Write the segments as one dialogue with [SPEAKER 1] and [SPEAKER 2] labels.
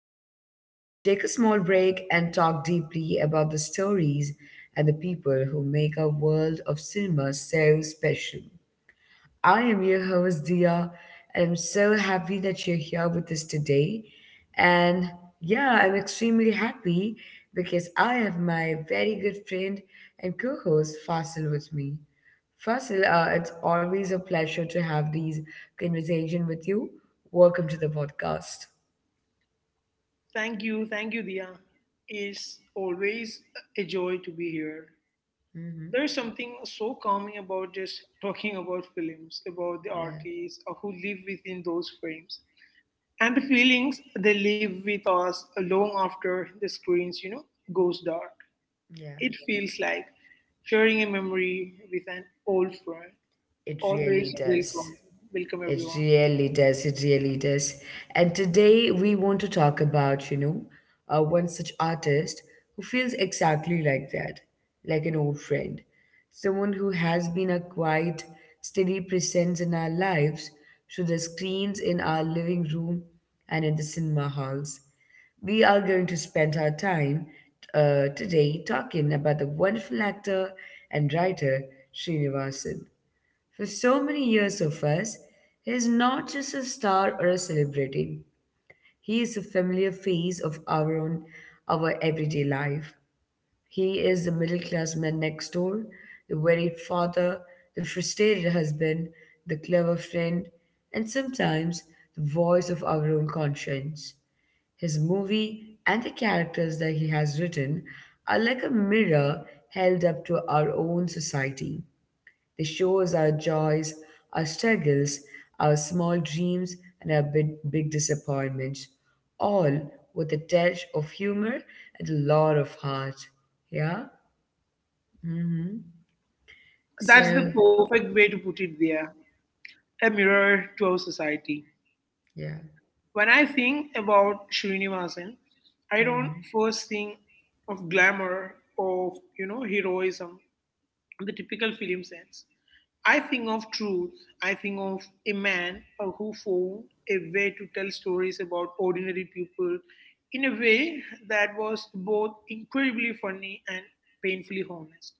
[SPEAKER 1] down, take a small break, and talk deeply about the stories and the people who make our world of cinema so special. I am your host, Dia, and I'm so happy that you're here with us today. And yeah, I'm extremely happy because I have my very good friend and co host, Fasil, with me. Fasil, it's always a pleasure to have these conversation with you. Welcome to the podcast.
[SPEAKER 2] Thank you, Dia. It's always a joy to be here.
[SPEAKER 1] Mm-hmm.
[SPEAKER 2] There is something so calming about just talking about films, about the
[SPEAKER 1] Yeah,
[SPEAKER 2] artists who live within those frames, and the feelings they live with us long after the goes dark.
[SPEAKER 1] yeah.
[SPEAKER 2] It feels like sharing a memory with an old friend.
[SPEAKER 1] It really
[SPEAKER 2] Always
[SPEAKER 1] does.
[SPEAKER 2] welcome, welcome
[SPEAKER 1] It
[SPEAKER 2] everyone.
[SPEAKER 1] really does. It really does. And today we want to talk about, one such artist who feels exactly like that, like an old friend, someone who has been a quiet, steady presence in our lives through the screens in our living room and in the cinema halls. We are going to spend our time today talking about the wonderful actor and writer Srinivasan for so many years of us, he is not just a star or a celebrity. He is a familiar face of our own, our everyday life. He is the middle class man next door, the worried father, the frustrated husband, the clever friend, and sometimes the voice of our own conscience. His movie and the characters that he has written are like a mirror held up to our own society. They show us our joys, our struggles, our small dreams, and our big, big disappointments, all with a touch of humor and a lot of heart. Yeah? Mm-hmm.
[SPEAKER 2] That's the
[SPEAKER 1] So,
[SPEAKER 2] perfect way to put it. There, a mirror to our society.
[SPEAKER 1] yeah.
[SPEAKER 2] When I think about Srinivasan, I don't
[SPEAKER 1] Mm-hmm.
[SPEAKER 2] first think of glamour, of heroism, the typical film sense. I think of truth. I think of a man who found a way to tell stories about ordinary people in a way that was both incredibly funny and painfully honest.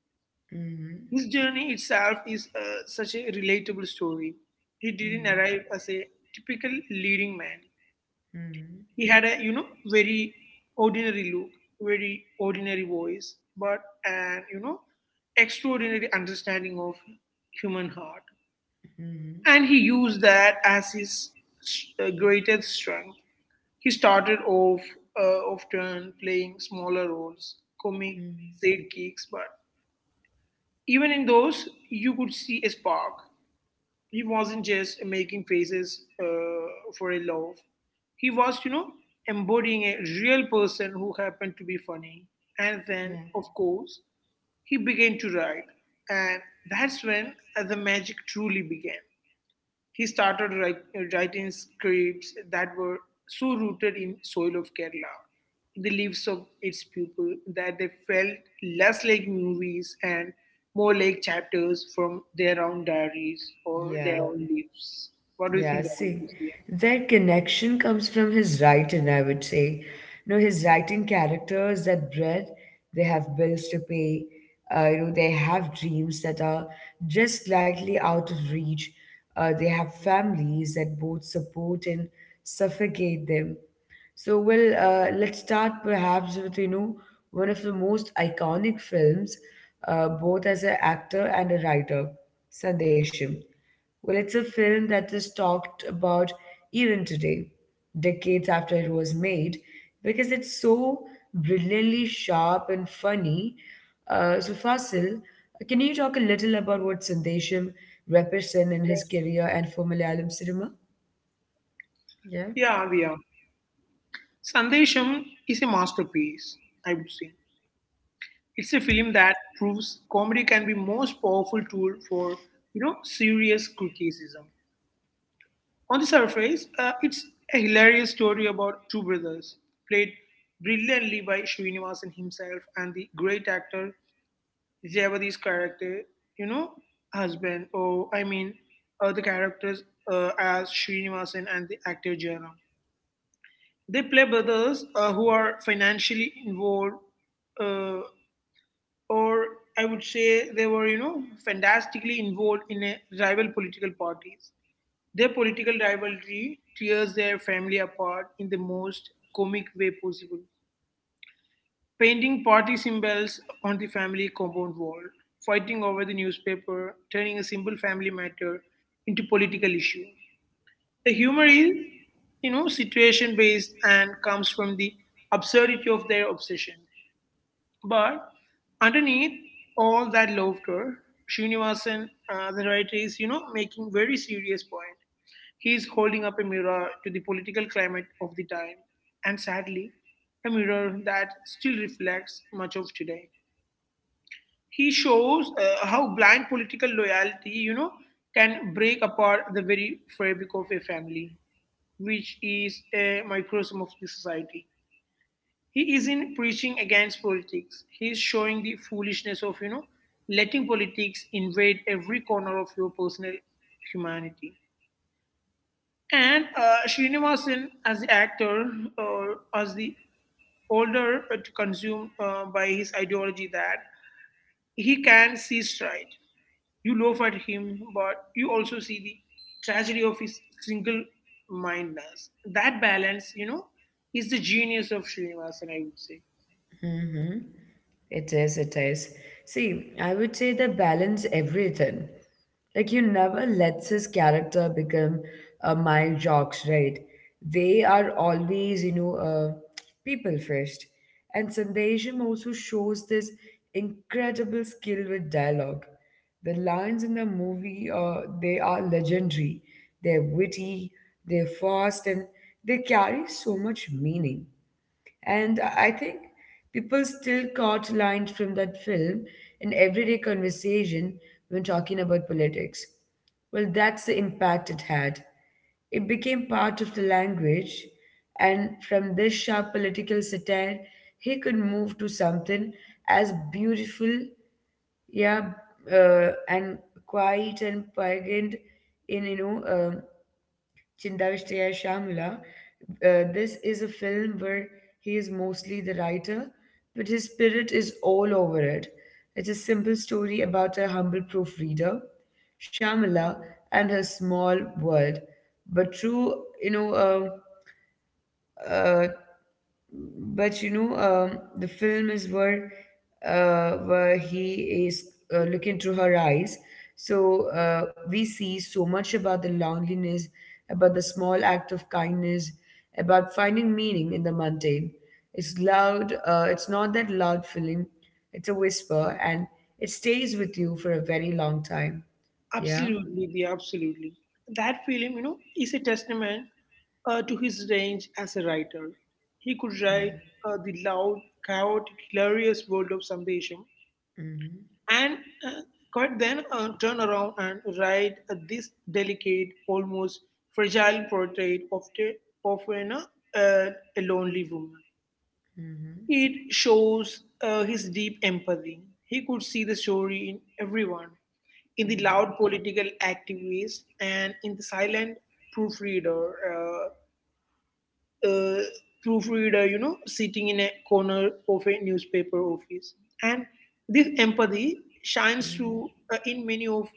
[SPEAKER 2] His
[SPEAKER 1] Mm-hmm.
[SPEAKER 2] journey itself is such a relatable story. He didn't arrive
[SPEAKER 1] Mm-hmm.
[SPEAKER 2] as a typical leading man.
[SPEAKER 1] Mm-hmm.
[SPEAKER 2] He had a very ordinary look, very ordinary voice, but an extraordinary understanding of human heart.
[SPEAKER 1] Mm-hmm.
[SPEAKER 2] And he used that as his greatest strength. He started off often playing smaller roles, comic
[SPEAKER 1] Mm-hmm.
[SPEAKER 2] sidekicks, but even in those, you could see a spark he wasn't just making faces for a laugh. He was, embodying a real person who happened to be funny. And then,
[SPEAKER 1] Yeah.
[SPEAKER 2] of course, he began to write. And that's when the magic truly began. He writing scripts that were so rooted in soil of Kerala, in the lives of its people, that they felt less like movies and more like chapters from their own diaries or
[SPEAKER 1] Yeah.
[SPEAKER 2] their own lives. What do you
[SPEAKER 1] Yeah,
[SPEAKER 2] think about
[SPEAKER 1] see,
[SPEAKER 2] this?
[SPEAKER 1] their connection comes from his writing, I would say. You know, his writing characters that bread, they have bills to pay, they have dreams that are just slightly out of reach. They have families that both support and suffocate them. So, well, let's start perhaps with, one of the most iconic films, both as an actor and a writer, Sandesham. Well, it's a film that is talked about even today, decades after it was made, because it's so brilliantly sharp and funny. So, Fasil, can you talk a little about what Sandesham represents in his career and for Malayalam cinema? Yeah.
[SPEAKER 2] Diya? Yeah, yeah. Sandesham is a masterpiece, I would say. It's a film that proves comedy can be most powerful tool for, serious criticism. On the surface, it's a hilarious story about two brothers, played brilliantly by Srinivasan himself and the great actor Jayavadi's character, you know, husband, or I mean, the characters as Srinivasan and the actor Jayaram. They play brothers who are financially involved, uh, or I would say they were, fantastically involved in a rival political parties their political rivalry tears their family apart in the most comic way possible. Painting party symbols on the family compound wall, fighting over the newspaper, turning a simple family matter into political issue. The humor is, situation based and comes from the absurdity of their obsession. But underneath all that laughter, Srinivasan, the writer, is, making very serious point. He is holding up a mirror to the political climate of the time, and sadly, a mirror that still reflects much of today. He shows how blind political loyalty, can break apart the very fabric of a family, which is a microcosm of the society. He isn't preaching against politics. He is showing the foolishness of, letting politics invade every corner of your personal humanity. And Srinivasan as the actor or as the older consumed by his ideology that he can see straight. You laugh at him, but you also see the tragedy of his single mindedness. That balance, is the genius of Srinivasan, I would say.
[SPEAKER 1] Mm-hmm. It is, it is. See, I would say they balance everything. Like you never lets his character become a my jocks, right? They are always, people first. And Sandesham also shows this incredible skill with dialogue. The lines in the movie, they are legendary. They're witty, they're fast, and they carry so much meaning. And I think people still caught lines from that film in everyday conversation when talking about politics. Well, that's the impact it had. It became part of the language, and from this sharp political satire, he could move to something as beautiful, yeah, and quiet and poignant in Chindavishtiya Shamula. This is a film where he is mostly the writer, but his spirit is all over it. It's a simple story about a humble proofreader, Shamila, and her small world, but through you know uh, uh, but the film is where he is looking through her eyes, so we see so much about the loneliness, about the small act of kindness, about finding meaning in the mundane. It's loud, it's not that loud feeling, it's a whisper, and it stays with you for a very long time. Yeah.
[SPEAKER 2] Absolutely, the absolutely. That film, is a testament to his range as a writer. He could write
[SPEAKER 1] Yeah.
[SPEAKER 2] the loud, chaotic, hilarious world of Sandesham
[SPEAKER 1] Mm-hmm.
[SPEAKER 2] and uh, could then turn around and write this delicate, almost fragile portrait of, the, of you know, uh, a lonely woman.
[SPEAKER 1] Mm-hmm.
[SPEAKER 2] It shows his deep empathy. He could see the story in everyone, in the loud
[SPEAKER 1] Mm-hmm.
[SPEAKER 2] political activist and in the silent proofreader, uh, uh, proofreader, sitting in a corner of a newspaper office. And this empathy shines
[SPEAKER 1] Mm-hmm.
[SPEAKER 2] through in many of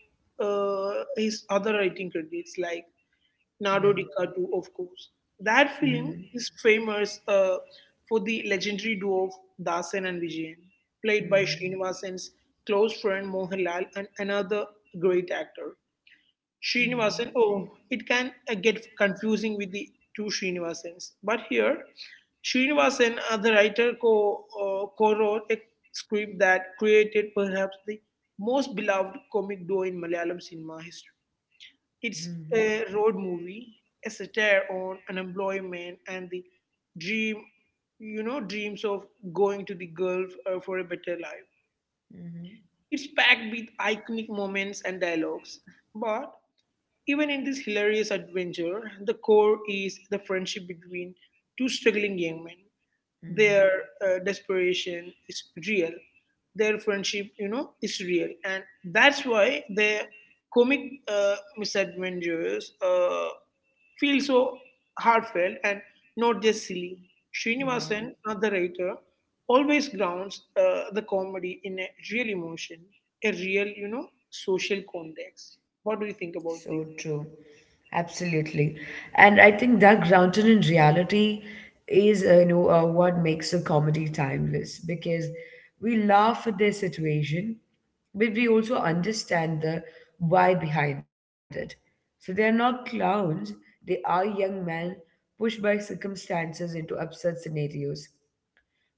[SPEAKER 2] his other writing credits, like
[SPEAKER 1] Yeah.
[SPEAKER 2] Nardo DiCaprio, of course. That film
[SPEAKER 1] Mm-hmm.
[SPEAKER 2] is famous for the legendary duo of Dasan and Vijayan, played by
[SPEAKER 1] Mm-hmm.
[SPEAKER 2] Srinivasan's close friend Mohanlal and another great actor.
[SPEAKER 1] Mm-hmm.
[SPEAKER 2] Srinivasan, oh, it can get confusing with the two Srinivasans. But here, Srinivasan, the writer, co-wrote a script that created perhaps the most beloved comic duo in Malayalam cinema history. It's
[SPEAKER 1] Mm-hmm.
[SPEAKER 2] a road movie, a satire on unemployment and the dream, dreams of going to the Gulf for a better life.
[SPEAKER 1] Mm-hmm.
[SPEAKER 2] It's packed with iconic moments and dialogues. But even in this hilarious adventure, the core is the friendship between two struggling young men their
[SPEAKER 1] Mm-hmm.
[SPEAKER 2] desperation is real their friendship is real and that's why their comic misadventures feel so heartfelt and not just silly
[SPEAKER 1] Yeah,
[SPEAKER 2] srinivasan the writer always grounds the comedy in a real emotion a real social context what do you
[SPEAKER 1] so
[SPEAKER 2] think about
[SPEAKER 1] true.
[SPEAKER 2] this?
[SPEAKER 1] Absolutely. And I think that grounded in reality is, what makes a comedy timeless because we laugh at their situation, but we also understand the why behind it. So they are not clowns, they are young men pushed by circumstances into absurd scenarios.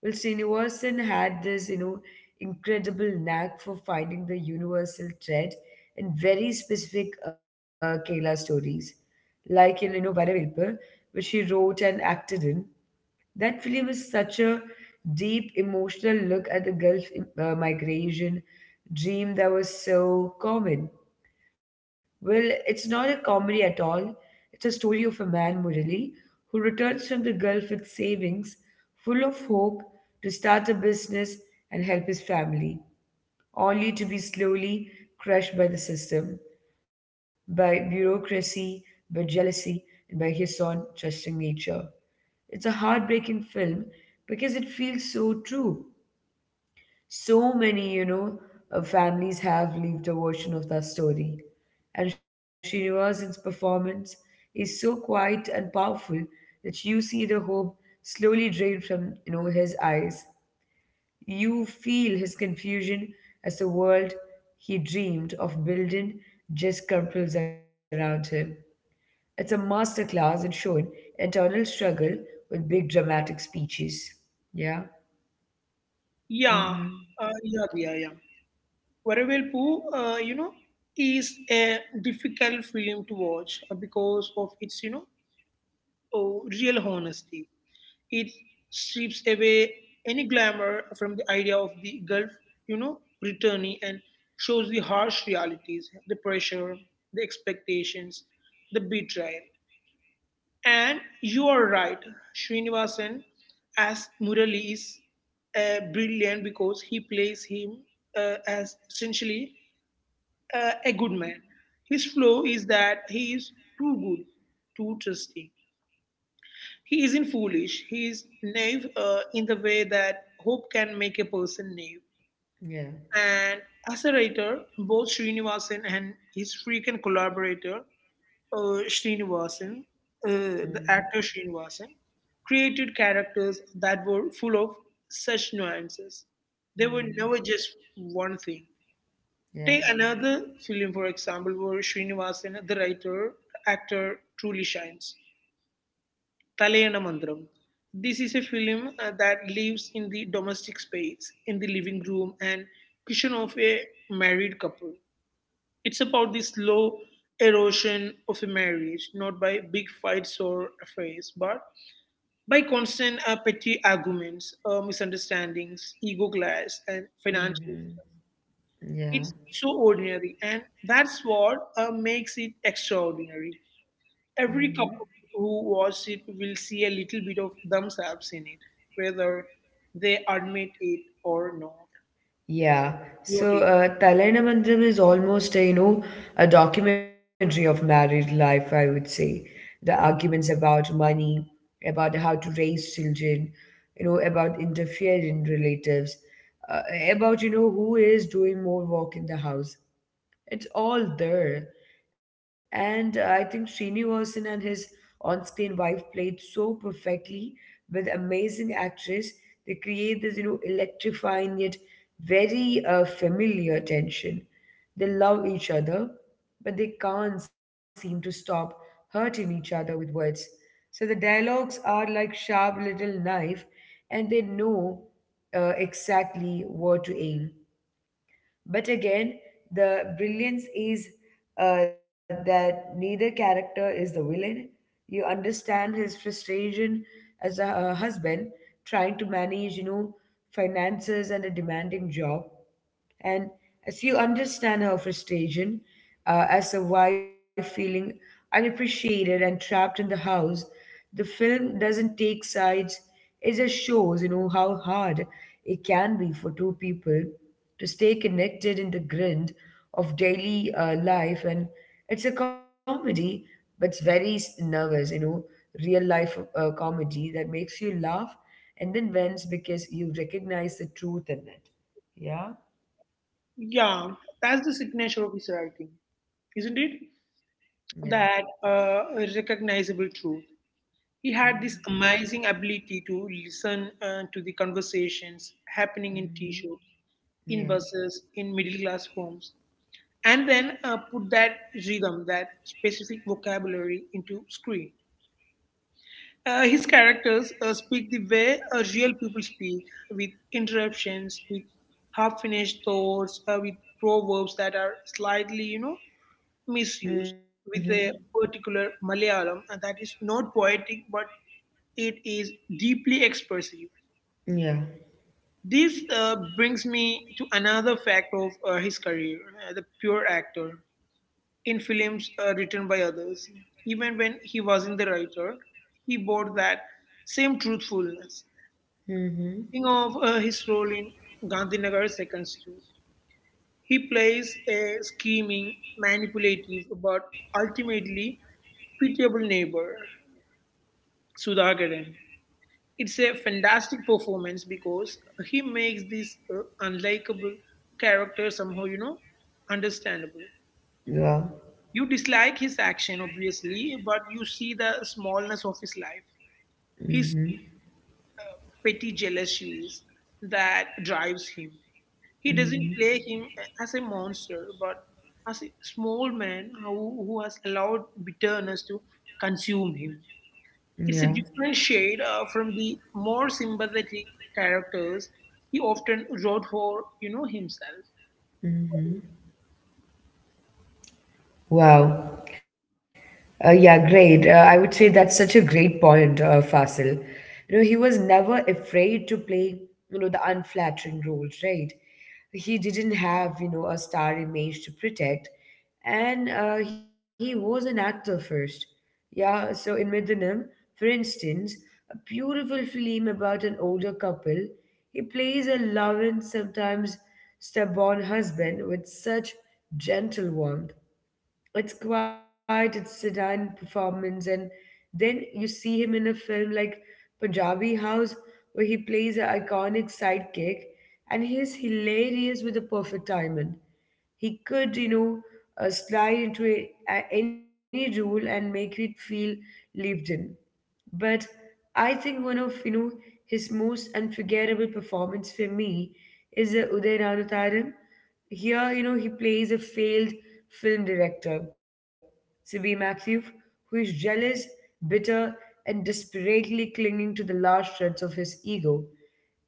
[SPEAKER 1] Well, Srinivasan had this, incredible knack for finding the universal thread in very specific Kerala stories, like in, Varavelpu, which he wrote and acted in. That film is such a deep emotional look at the Gulf migration dream that was so common. Well, it's not a comedy at all. It's a story of a man, Murali, who returns from the Gulf with savings, full of hope to start a business and help his family, only to be slowly crushed by the system, by bureaucracy, by jealousy, and by his own trusting nature. It's a heartbreaking film because it feels so true. So many, families have lived a version of that story. And Srinivasan's performance is so quiet and powerful that you see the hope slowly drain from, his eyes. You feel his confusion as the world he dreamed of building just crumples around him. It's a masterclass in showing internal struggle with big dramatic speeches. Yeah.
[SPEAKER 2] Yeah,
[SPEAKER 1] Hmm.
[SPEAKER 2] yeah. Varvelpu, is a difficult film to watch because of its, oh, real honesty. It strips away any glamour from the idea of the Gulf, you know, returnee and shows the harsh realities, the pressure, the expectations, the betrayal. And you are right, Srinivasan as Murali is brilliant because he plays him as essentially a good man. His flaw is that he is too good, too trusting. He isn't foolish. He is naive in the way that hope can make a person naive.
[SPEAKER 1] Yeah.
[SPEAKER 2] And as a writer, both Srinivasan and his frequent collaborator, uh, Srinivasan, uh, the
[SPEAKER 1] Mhm.
[SPEAKER 2] actor Srinivasan, created characters that were full of such nuances. They were never
[SPEAKER 1] Mm-hmm.
[SPEAKER 2] just one thing.
[SPEAKER 1] Yeah.
[SPEAKER 2] Take another film, for example, where Srinivasan, the writer, actor, truly shines. Talayana Mandram. This is a film that lives in the domestic space, in the living room and kitchen of a married couple. It's about the slow erosion of a marriage, not by big fights or affairs, but by constant petty arguments, misunderstandings, ego clash, and financial.
[SPEAKER 1] Mm-hmm. Yeah.
[SPEAKER 2] It's so ordinary, and that's what makes it extraordinary. Every
[SPEAKER 1] Mm-hmm.
[SPEAKER 2] couple who watches it will see a little bit of themselves in it, whether they admit it or not.
[SPEAKER 1] Yeah.
[SPEAKER 2] Your
[SPEAKER 1] So,
[SPEAKER 2] take?
[SPEAKER 1] Talainamandalam is almost a, a documentary of married life, I would say. The arguments about money, about how to raise children, about interfering relatives, uh, about, who is doing more work in the house. It's all there. And I think Srinivasan and his on screen wife played so perfectly with amazing actress. They create this, electrifying yet very familiar tension. They love each other, but they can't seem to stop hurting each other with words. So the dialogues are like sharp little knife, and they know exactly where to aim. But again, the brilliance is that neither character is the villain. You understand his frustration as a husband trying to manage, finances and a demanding job. And as you understand her frustration as a wife feeling unappreciated and trapped in the house, the film doesn't take sides. It just shows, how hard it can be for two people to stay connected in the grind of daily life. And it's a comedy, but it's very s- nervous, real life comedy that makes you laugh and then vents because you recognize the truth in it. Yeah?
[SPEAKER 2] Yeah, that's the signature of his writing, isn't it?
[SPEAKER 1] Yeah.
[SPEAKER 2] That recognizable truth. He had
[SPEAKER 1] Mm-hmm.
[SPEAKER 2] this amazing ability to listen to the conversations happening in tea shops, in
[SPEAKER 1] Yeah.
[SPEAKER 2] buses, in middle class homes, and then put that rhythm, that specific vocabulary into screen. His characters speak the way real people speak, with interruptions, with half-finished thoughts, with proverbs that are slightly, misused,
[SPEAKER 1] Mm-hmm.
[SPEAKER 2] with a particular Malayalam that is not poetic but it is deeply expressive.
[SPEAKER 1] Yeah. Mm-hmm. Yeah.
[SPEAKER 2] This brings me to another fact of his career, the pure actor in films written by others. Even when he wasn't the writer, he bore that same truthfulness.
[SPEAKER 1] Mm-hmm.
[SPEAKER 2] Think of his role in Gandhinagar 2nd Street. He plays a scheming, manipulative, but ultimately pitiable neighbor, Sudhakaran. It's a fantastic performance because he makes this unlikable character somehow, understandable. You dislike his action, obviously, but you see the smallness of his life, his petty jealousies that drives him. He doesn't
[SPEAKER 1] Mm-hmm.
[SPEAKER 2] play him as a monster, but as a small man who has allowed bitterness to consume him.
[SPEAKER 1] Yeah.
[SPEAKER 2] It's a different shade from the more sympathetic characters he often wrote for, himself.
[SPEAKER 1] Mm-hmm. Wow. Yeah, great. I would say that's such a great point, Fasil. You know, he was never afraid to play, the unflattering roles, right? He didn't have, a star image to protect, and he was an actor first. Yeah, so in Middenham, for instance, a beautiful film about an older couple, he plays a loving, sometimes stubborn husband with such gentle warmth. It's quiet, it's sedan performance, and then you see him in a film like Punjabi House, where he plays an iconic sidekick, and he's hilarious with the perfect timing. He could, slide into any role and make it feel lived in. But I think one of his most unforgettable performance for me is Uday Ranutharan. Here, you know, he plays a failed film director, Sibi Matthew, who is jealous, bitter, and desperately clinging to the last shreds of his ego.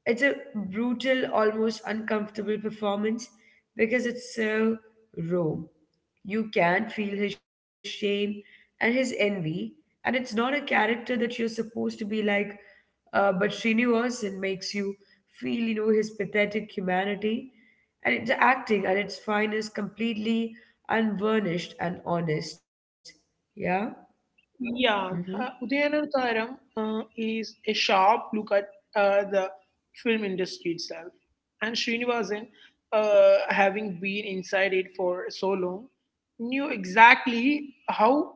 [SPEAKER 1] It's a brutal, almost uncomfortable performance because it's so raw. You can feel his shame and his envy, and it's not a character that you're supposed to be like, but Srinivasan makes you feel, his pathetic humanity. And it's acting at its finest, completely unvarnished and honest. Yeah?
[SPEAKER 2] Yeah,
[SPEAKER 1] Mm-hmm.
[SPEAKER 2] Udayanatharam is a sharp look at the film industry itself. And Srinivasan, having been inside it for so long, knew exactly how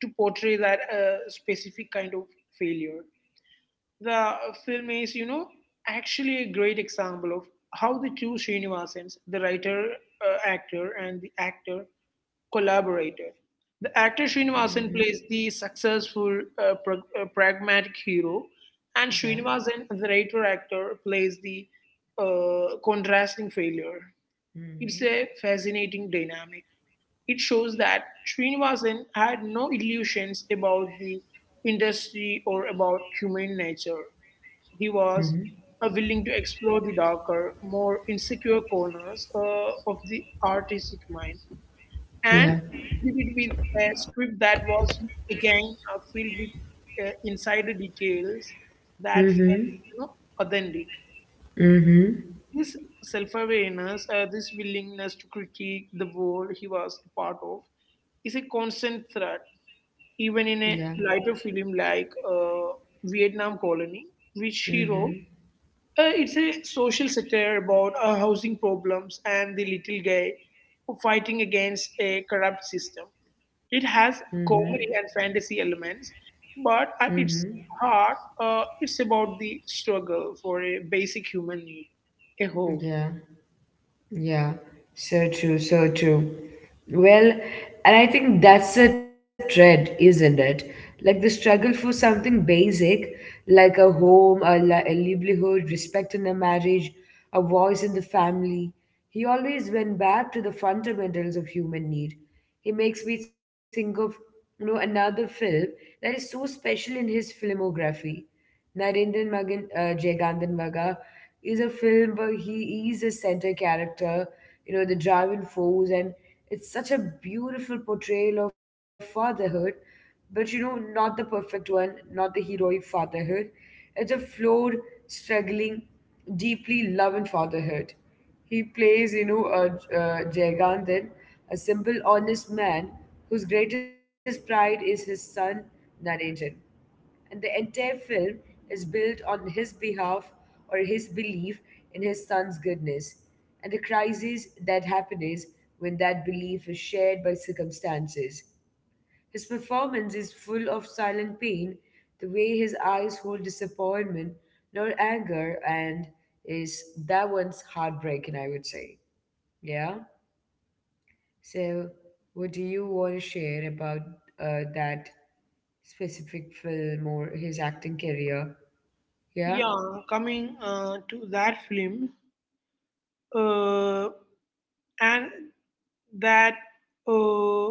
[SPEAKER 2] to portray that specific kind of failure. The film is, actually a great example of how the two Srinivasans, the writer, actor, and the actor collaborator. The actor
[SPEAKER 1] Mm-hmm.
[SPEAKER 2] Srinivasan plays the successful, pragmatic hero, and
[SPEAKER 1] Yeah.
[SPEAKER 2] Srinivasan, the writer actor, plays the contrasting failure. It's
[SPEAKER 1] Mm-hmm.
[SPEAKER 2] a fascinating dynamic. It shows that Srinivasan had no illusions about the industry or about human nature. He was
[SPEAKER 1] Mm-hmm.
[SPEAKER 2] willing to explore the darker, more insecure corners of the artistic mind.
[SPEAKER 1] Yeah.
[SPEAKER 2] And he did it with a script that was, again, filled with insider details that felt
[SPEAKER 1] Mm-hmm.
[SPEAKER 2] you know, authentic.
[SPEAKER 1] Mm-hmm.
[SPEAKER 2] This self awareness, this willingness to critique the world he was a part of, is a constant threat, even in
[SPEAKER 1] Yeah.
[SPEAKER 2] a lighter film like Vietnam Colony, which he wrote
[SPEAKER 1] Mm-hmm.
[SPEAKER 2] it's a social satire about our housing problems and the little guy fighting against a corrupt system. It
[SPEAKER 1] Mm-hmm.
[SPEAKER 2] has comedy and fantasy elements, but at
[SPEAKER 1] Mm-hmm.
[SPEAKER 2] its heart, it's about the struggle for a basic human need a home.
[SPEAKER 1] Yeah. Yeah. So true. So true. Well, and I think that's a thread, isn't it? Like the struggle for something basic, like a home, a livelihood, respect in a marriage, a voice in the family. He always went back to the fundamentals of human need. He makes me think of, another film that is so special in his filmography. Narendran Magan Jaygandan Maga is a film where he is a center character, the driving force, and it's such a beautiful portrayal of fatherhood, but you know, not the perfect one, not the heroic fatherhood. It's a flawed, struggling, deeply loving fatherhood. He plays, Jaygandan, a simple, honest man whose greatest pride is his son, Narendran, and the entire film is built on his behalf or his belief in his son's goodness and the crisis that happens when that belief is shared by circumstances. His performance is full of silent pain, the way his eyes hold disappointment, nor anger, and is that one's heartbreaking, I would say. Yeah? So, what do you want to share about that specific film or his acting career? Yeah,
[SPEAKER 2] Yeah, coming to that film, uh, and that uh,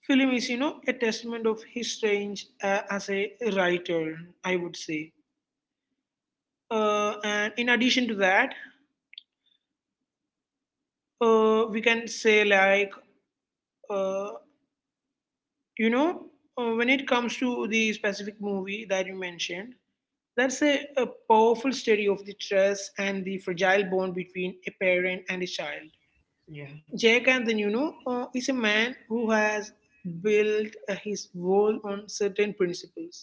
[SPEAKER 2] film is, a testament of his range as a writer, I would say. And in addition to that, we can say, like uh, you know when it comes to the specific movie that you mentioned, that's a powerful study of the trust and the fragile bond between a parent and a child.
[SPEAKER 1] yeah,
[SPEAKER 2] Jake and then is a man who has built his world on certain principles: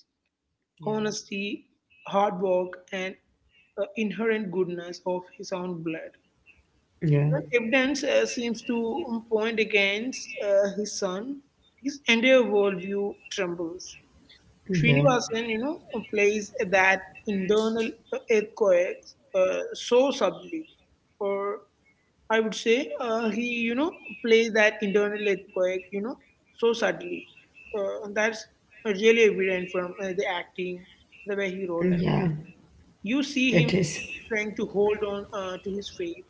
[SPEAKER 1] yeah,
[SPEAKER 2] honesty, hard work, and inherent goodness of his own blood.
[SPEAKER 1] yeah,
[SPEAKER 2] Well, evidence seems to point against his son. His entire worldview trembles.
[SPEAKER 1] yeah,
[SPEAKER 2] Srinivasan, you know, plays that internal earthquake so subtly, or I would say he, you know, plays that internal earthquake, so subtly. And that's really evident from the acting, the way he wrote. And
[SPEAKER 1] yeah.
[SPEAKER 2] you see
[SPEAKER 1] It
[SPEAKER 2] him
[SPEAKER 1] is.
[SPEAKER 2] trying to hold on to his faith,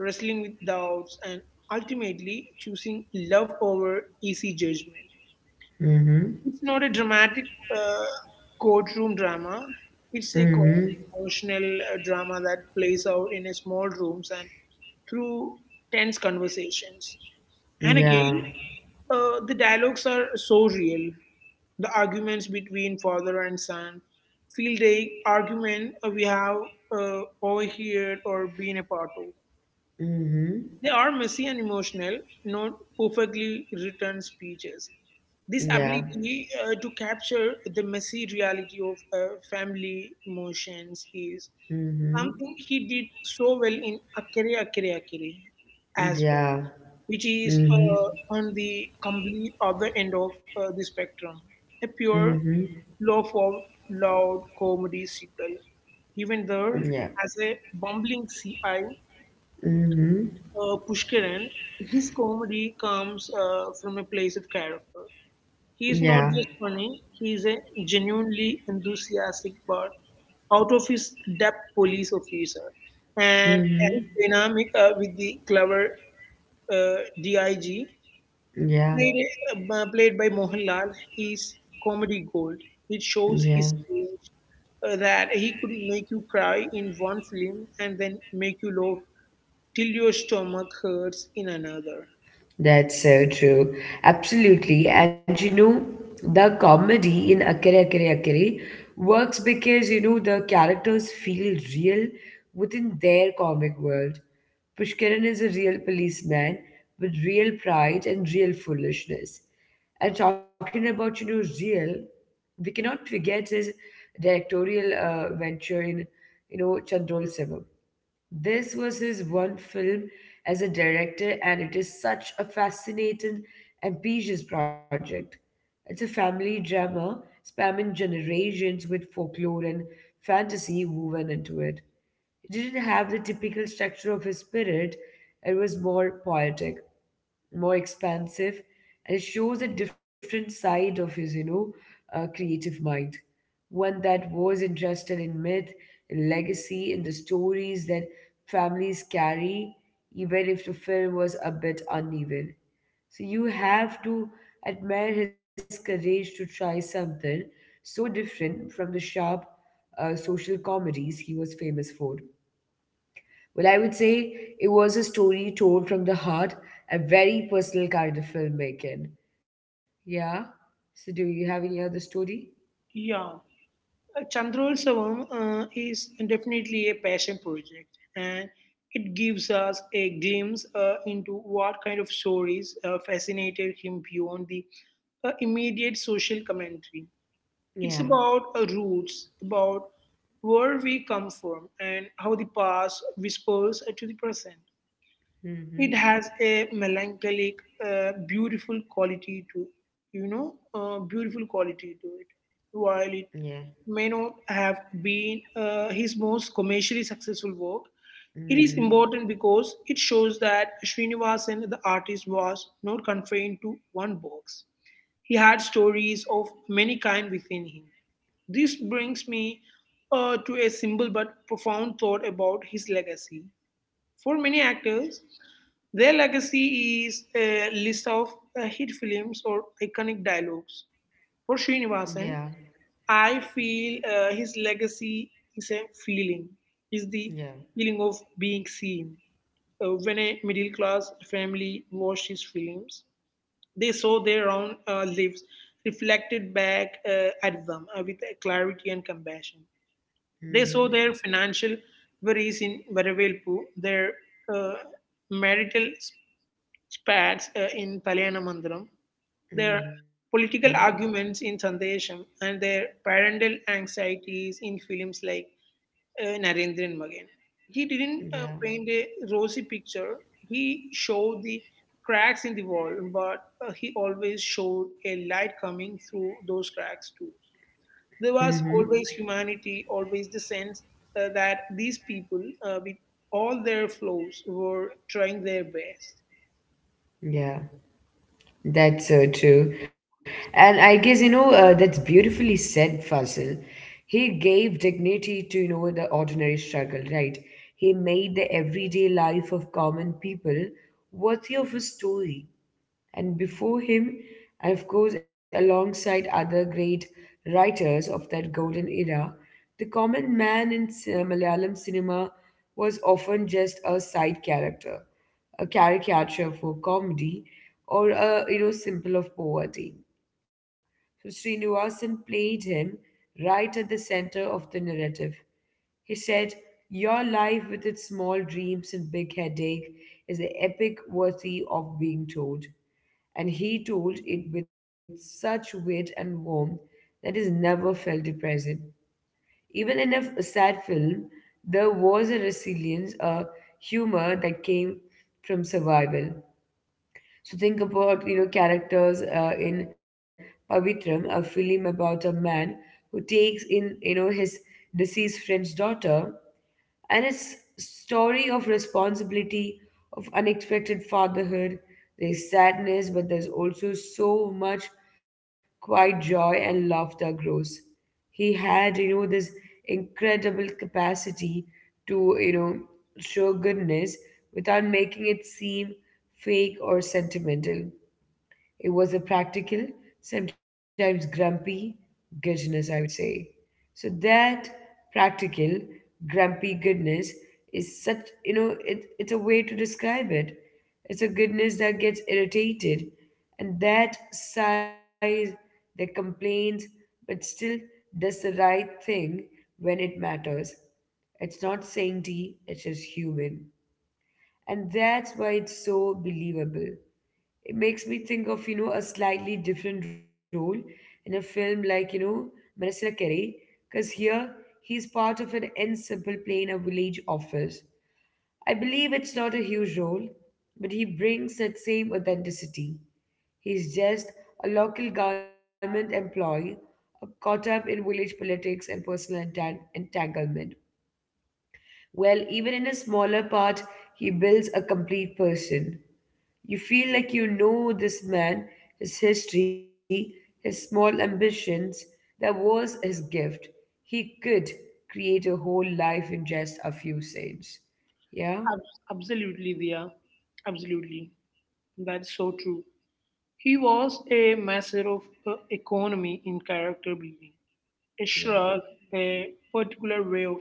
[SPEAKER 2] wrestling with doubts, and ultimately choosing love over easy judgment.
[SPEAKER 1] Mhm.
[SPEAKER 2] It's not a dramatic uh, courtroom drama, it's
[SPEAKER 1] Mhm.
[SPEAKER 2] emotional drama that plays out in a small rooms and through tense conversations. And
[SPEAKER 1] Yeah.
[SPEAKER 2] again, the dialogues are so real. The arguments between father and son feel the argument we have overheard or been a part of.
[SPEAKER 1] Mhm.
[SPEAKER 2] They are messy and emotional, not perfectly written speeches. This
[SPEAKER 1] Yeah.
[SPEAKER 2] ability to capture the messy reality of family emotions is
[SPEAKER 1] Mhm.
[SPEAKER 2] something he did so well in Akere Akere Akere as well,
[SPEAKER 1] Yeah.
[SPEAKER 2] which is
[SPEAKER 1] Mhm.
[SPEAKER 2] on the complete other end of the spectrum. A pure,
[SPEAKER 1] Mhm.
[SPEAKER 2] low for loud comedy sequel. Even there,
[SPEAKER 1] Yeah.
[SPEAKER 2] as a bumbling CI
[SPEAKER 1] Mhm.
[SPEAKER 2] Pushkaran, his comedy comes from a place of character. He is
[SPEAKER 1] Yeah.
[SPEAKER 2] not just funny, he is a genuinely enthusiastic but out of his depth police officer. And
[SPEAKER 1] Mhm.
[SPEAKER 2] his dynamic with the clever DIG,
[SPEAKER 1] Yeah.
[SPEAKER 2] played, played by Mohanlal, is comedy gold. It shows
[SPEAKER 1] Yeah.
[SPEAKER 2] his range, that he could make you cry in one film and then make you laugh till your stomach hurts in another.
[SPEAKER 1] That's so true. Absolutely. And the comedy in Akare Akare Akare works because the characters feel real within their comic world. Pushkaran is a real policeman with real pride and real foolishness. And talking about real, we cannot forget his directorial venture in Chandrol Sevam. This was his one film as a director, and it is such a fascinating, ambitious project. It's a family drama spanning generations with folklore and fantasy woven into it. It didn't have the typical structure of his spirit, it was more poetic, more expansive, and it shows a different side of his creative mind, one that was interested in myth, legacy, and the stories that families carry, even if the film was a bit uneven. So you have to admire his courage to try something so different from the sharp social comedies he was famous for. Well, I would say it was a story told from the heart, a very personal kind of filmmaking. Yeah. So, do you have any other story?
[SPEAKER 2] Yeah, Chandrol is definitely a passion project, and it gives us a glimpse into what kind of stories fascinated him beyond the immediate social commentary. It's about
[SPEAKER 1] Yeah.
[SPEAKER 2] roots, about where we come from, and how the past whispers to the present. It has a
[SPEAKER 1] Mm-hmm.
[SPEAKER 2] melancholic, uh, beautiful quality to, beautiful quality to it. While it
[SPEAKER 1] Yeah.
[SPEAKER 2] may not have been his most commercially successful work, it is important
[SPEAKER 1] Mm-hmm.
[SPEAKER 2] because it shows that Srinivasan, the artist, was not confined to one box. He had stories of many kind within him. This brings me to a simple but profound thought about his legacy. For many actors, their legacy is a list of hit films or iconic dialogues. For Srinivasan,
[SPEAKER 1] Yeah.
[SPEAKER 2] I feel his legacy is a feeling, is the
[SPEAKER 1] Yeah.
[SPEAKER 2] feeling of being seen. When a middle class family watched his films, they saw their own lives reflected back at them with clarity and compassion. They saw their
[SPEAKER 1] Mm-hmm.
[SPEAKER 2] financial worries in Varavelpu, their uh, marital spats in Kalyanamandram, their
[SPEAKER 1] Mm-hmm.
[SPEAKER 2] political arguments in Sandesham, and their parental anxieties in films like Narendran Magan. He didn't
[SPEAKER 1] Yeah.
[SPEAKER 2] paint a rosy picture. He showed the cracks in the wall, but he always showed a light coming through those cracks too. There was
[SPEAKER 1] Mm-hmm.
[SPEAKER 2] always humanity, always the sense that these people, with all their flaws, were trying their best.
[SPEAKER 1] Yeah. That's so true. And I guess, that's beautifully said, Fasil. He gave dignity to, the ordinary struggle, right? He made the everyday life of common people worthy of a story. And before him, and of course, alongside other great writers of that golden era, the common man in Malayalam cinema was often just a side character, a caricature for comedy, or a symbol of poverty. So Srinivasan played him right at the center of the narrative. He said, your life with its small dreams and big headache is an epic worthy of being told, and he told it with such wit and warmth that it never felt depressing. Even in a sad film, there was a resilience, a humor that came from survival. So think about characters in Pavitram, a film about a man who takes in his deceased friend's daughter, and its story of responsibility, of unexpected fatherhood. There's sadness, but there's also so much quiet joy and love that grows. He had, this incredible capacity to, show goodness without making it seem fake or sentimental. It was a practical, sometimes grumpy goodness, I would say. So that practical, grumpy goodness is such, it's a way to describe it. It's a goodness that gets irritated and that sighs, that complains, but still does the right thing when it matters. It's not saintly, it's just human. And that's why it's so believable. It makes me think of a slightly different role in a film like Marasina Kare, because here he's part of an ensemble play in a village office. I believe it's not a huge role, but he brings that same authenticity. He's just a local government employee caught up in village politics and personal entanglement. Well, even in a smaller part, he builds a complete person. You feel like you know this man, his history, his small ambitions. That was his gift. He could create a whole life in just a few scenes. Yeah?
[SPEAKER 2] Absolutely, Dia. Absolutely. That's so true. He was a master of economy in character building. A
[SPEAKER 1] Yeah.
[SPEAKER 2] shrug, a particular way of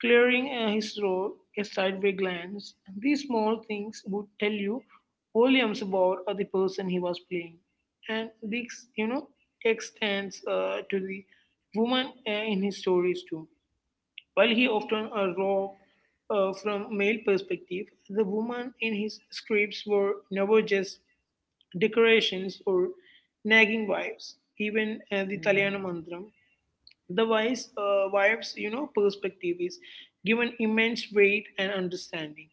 [SPEAKER 2] clearing his throat, a sideway glance. These small things would tell you volumes about the person he was playing. And this, you know, extends to the woman in his stories too. While he often wrote from male perspective, the women in his scripts were never just decorations or nagging wives. Even
[SPEAKER 1] Mm-hmm.
[SPEAKER 2] the Talyana Mantram, the wise wife's, you know, perspective is given immense weight and understanding.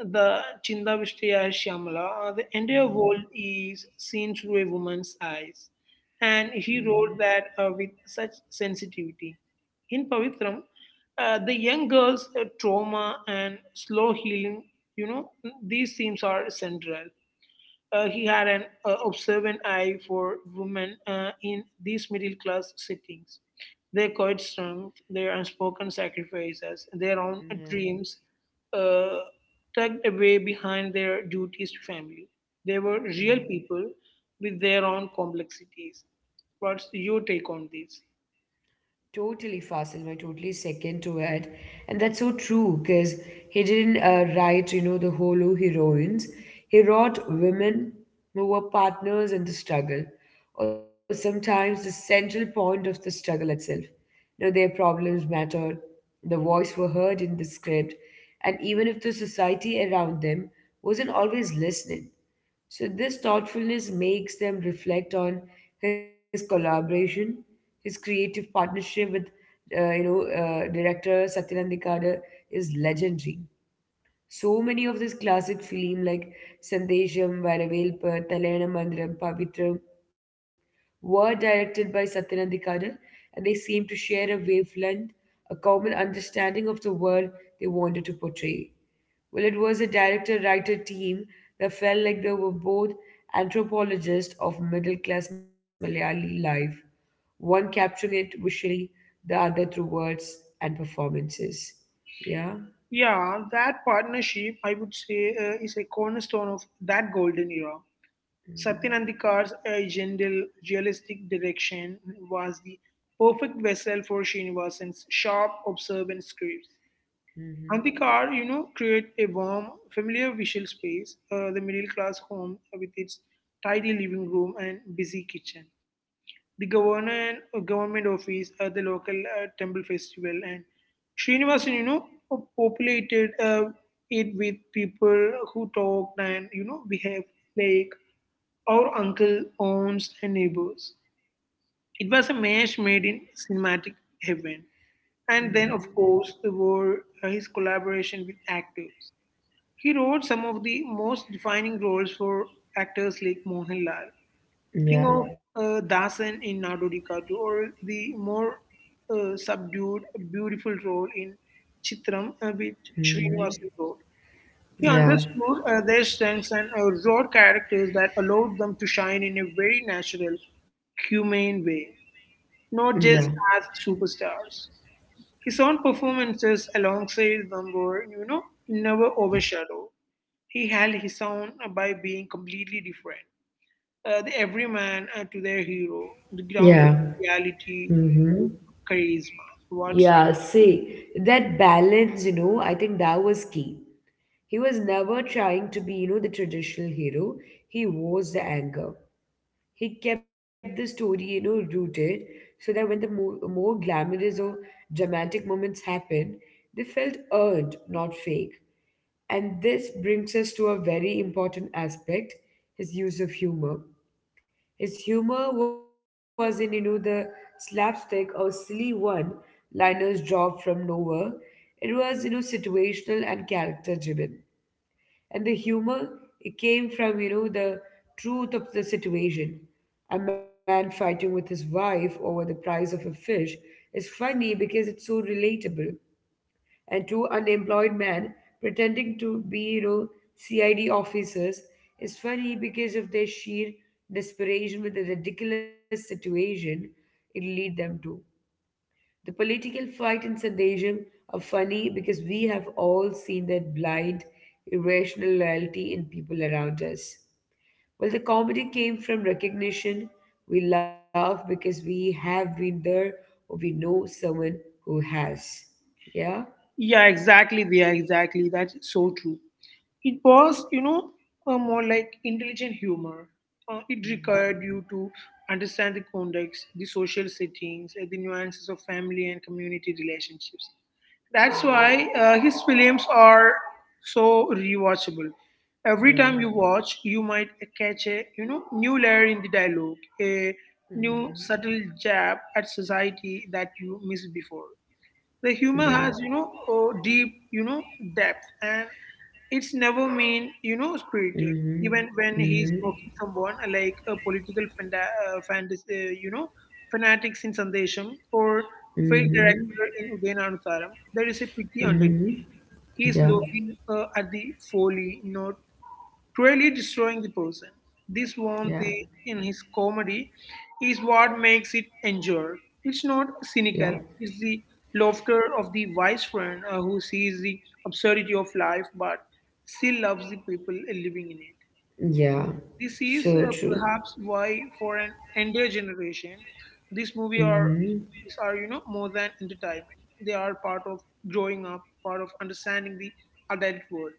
[SPEAKER 2] The Chinda Chindavishtiya Shyamala, the entire world is seen through a woman's eyes. And
[SPEAKER 1] Mm-hmm.
[SPEAKER 2] he wrote that with such sensitivity. In Pavitram, the young girl's trauma and slow healing, you know, these themes are central. He had an observant eye for women in these middle class settings. Their quiet strength, their unspoken sacrifices, their own
[SPEAKER 1] Yeah.
[SPEAKER 2] dreams uh, tucked away behind their duties to family. They were real
[SPEAKER 1] Yeah.
[SPEAKER 2] people with their own complexities. What's your take on this?
[SPEAKER 1] Totally, Fasil, I totally second to it. And that's so true because he didn't write, the hollow heroines. He wrote women who were partners in the struggle, or sometimes the central point of the struggle itself. You know, their problems mattered, the voice were heard in the script, and even if the society around them wasn't always listening. So, this thoughtfulness makes them reflect on his collaboration, his creative partnership with, director Satyanandikada is legendary. So many of his classic film like Sandesham, Varavelpa, Talena Mandiram, Pavitram were directed by Satyanandikada, and they seem to share a wavelength, a common understanding of the world they wanted to portray. Well, it was a director writer team that felt like they were both anthropologists of middle class Malayali life, one capturing it visually, the other through words and performances. Yeah.
[SPEAKER 2] Yeah, that partnership, I would say, is a cornerstone of that golden era.
[SPEAKER 1] Mm-hmm.
[SPEAKER 2] Satyanandikar's gentle, realistic direction was the perfect vessel for Srinivasan's sharp, observant scripts.
[SPEAKER 1] Mm-hmm.
[SPEAKER 2] Andikar, you know, create a warm, familiar visual space, the middle class home with its tidy living room and busy kitchen, the government office, the local temple festival, and Srinivasan, you know, populated it with people who talked and you know behaved like our uncle, aunts, and neighbors. It was a match made in cinematic heaven. And then, of
[SPEAKER 1] Mm-hmm.
[SPEAKER 2] course, there were his collaboration with actors. He wrote some of the most defining roles for actors like Mohanlal.
[SPEAKER 1] Yeah.
[SPEAKER 2] Think of Dasan in Nadodikattu or the more subdued, beautiful role in Chitram with
[SPEAKER 1] Mm-hmm.
[SPEAKER 2] Srinivasan Road. He
[SPEAKER 1] Yeah.
[SPEAKER 2] understood their strengths and wrote characters that allowed them to shine in a very natural, humane way,
[SPEAKER 1] Yeah.
[SPEAKER 2] not just as superstars. His own performances alongside them were, you know, never overshadowed. He held his own by being completely different, the everyman to their hero, the ground of
[SPEAKER 1] Yeah.
[SPEAKER 2] reality,
[SPEAKER 1] Mm-hmm.
[SPEAKER 2] charisma. What's
[SPEAKER 1] Yeah, see, that balance, you know, I think that was key. He was never trying to be, the traditional hero. He was the anchor. He kept the story, rooted, so that when the more glamorous or dramatic moments happened, they felt earned, not fake. And this brings us to a very important aspect, his use of humor. His humor wasn't, the slapstick or silly one liners dropped from nowhere. It was, situational and character driven. And the humor, it came from, the truth of the situation. A man fighting with his wife over the price of a fish is funny because it's so relatable, and two unemployed men pretending to be CID officers is funny because of their sheer desperation with the ridiculous situation it lead them to. The political fight in Sandesham are funny because we have all seen that blind, irrational loyalty in people around us. Well, the comedy came from recognition. We laugh because we have been there, or we know someone who has. Yeah?
[SPEAKER 2] Yeah, exactly, yeah, exactly. That's so true. It was, you know, more like intelligent humor. It required you to understand the context, the social settings, the nuances of family and community relationships. That's
[SPEAKER 1] Hmm.
[SPEAKER 2] why his films are so rewatchable. Every
[SPEAKER 1] Yeah.
[SPEAKER 2] time you watch, you might catch a new layer in the dialogue, a
[SPEAKER 1] Hmm.
[SPEAKER 2] new subtle jab at society that you missed before. The
[SPEAKER 1] Yeah.
[SPEAKER 2] humor has a deep depth, and it's never mean spirited,
[SPEAKER 1] Hmm.
[SPEAKER 2] even when he's
[SPEAKER 1] Hmm.
[SPEAKER 2] mocking someone , like a political fantasy fanatics in Sandesham, or failed
[SPEAKER 1] Hmm.
[SPEAKER 2] director in Udayana, there is a pity
[SPEAKER 1] Hmm.
[SPEAKER 2] underneath. He is
[SPEAKER 1] Yeah.
[SPEAKER 2] looking at the folly, not really destroying the person. This warmth
[SPEAKER 1] Yeah.
[SPEAKER 2] in his comedy is what makes it endure. It's not
[SPEAKER 1] Yeah.
[SPEAKER 2] cynical, it's the laughter of the wise friend who sees the absurdity of life but still loves the people living in it.
[SPEAKER 1] Yeah.
[SPEAKER 2] This is
[SPEAKER 1] So true.
[SPEAKER 2] perhaps why, for an entire generation, this movie
[SPEAKER 1] Hmm.
[SPEAKER 2] are these are you know more than entertainment. They are part of growing up, part of understanding the adult world.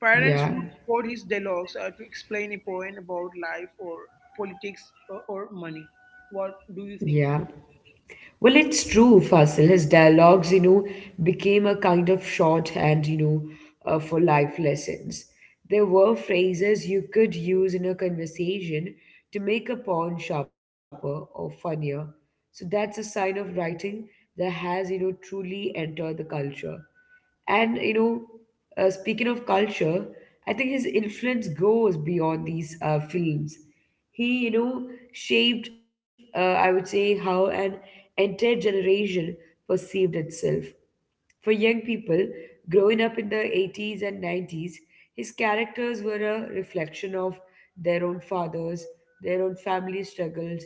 [SPEAKER 2] Parents
[SPEAKER 1] Yeah.
[SPEAKER 2] would quote his dialogues to explain a point about life, or politics, or money. What do
[SPEAKER 1] Yeah.
[SPEAKER 2] you think?
[SPEAKER 1] Well, it's true, Fasil. His dialogues, became a kind of shorthand, for life lessons. There were phrases you could use in a conversation to make a point sharper or funnier. So that's a sign of writing that has, truly entered the culture. And speaking of culture, I think his influence goes beyond these films. He, shaped, I would say, how an entire generation perceived itself. For young people growing up in the 80s and 90s, his characters were a reflection of their own fathers, their own family struggles,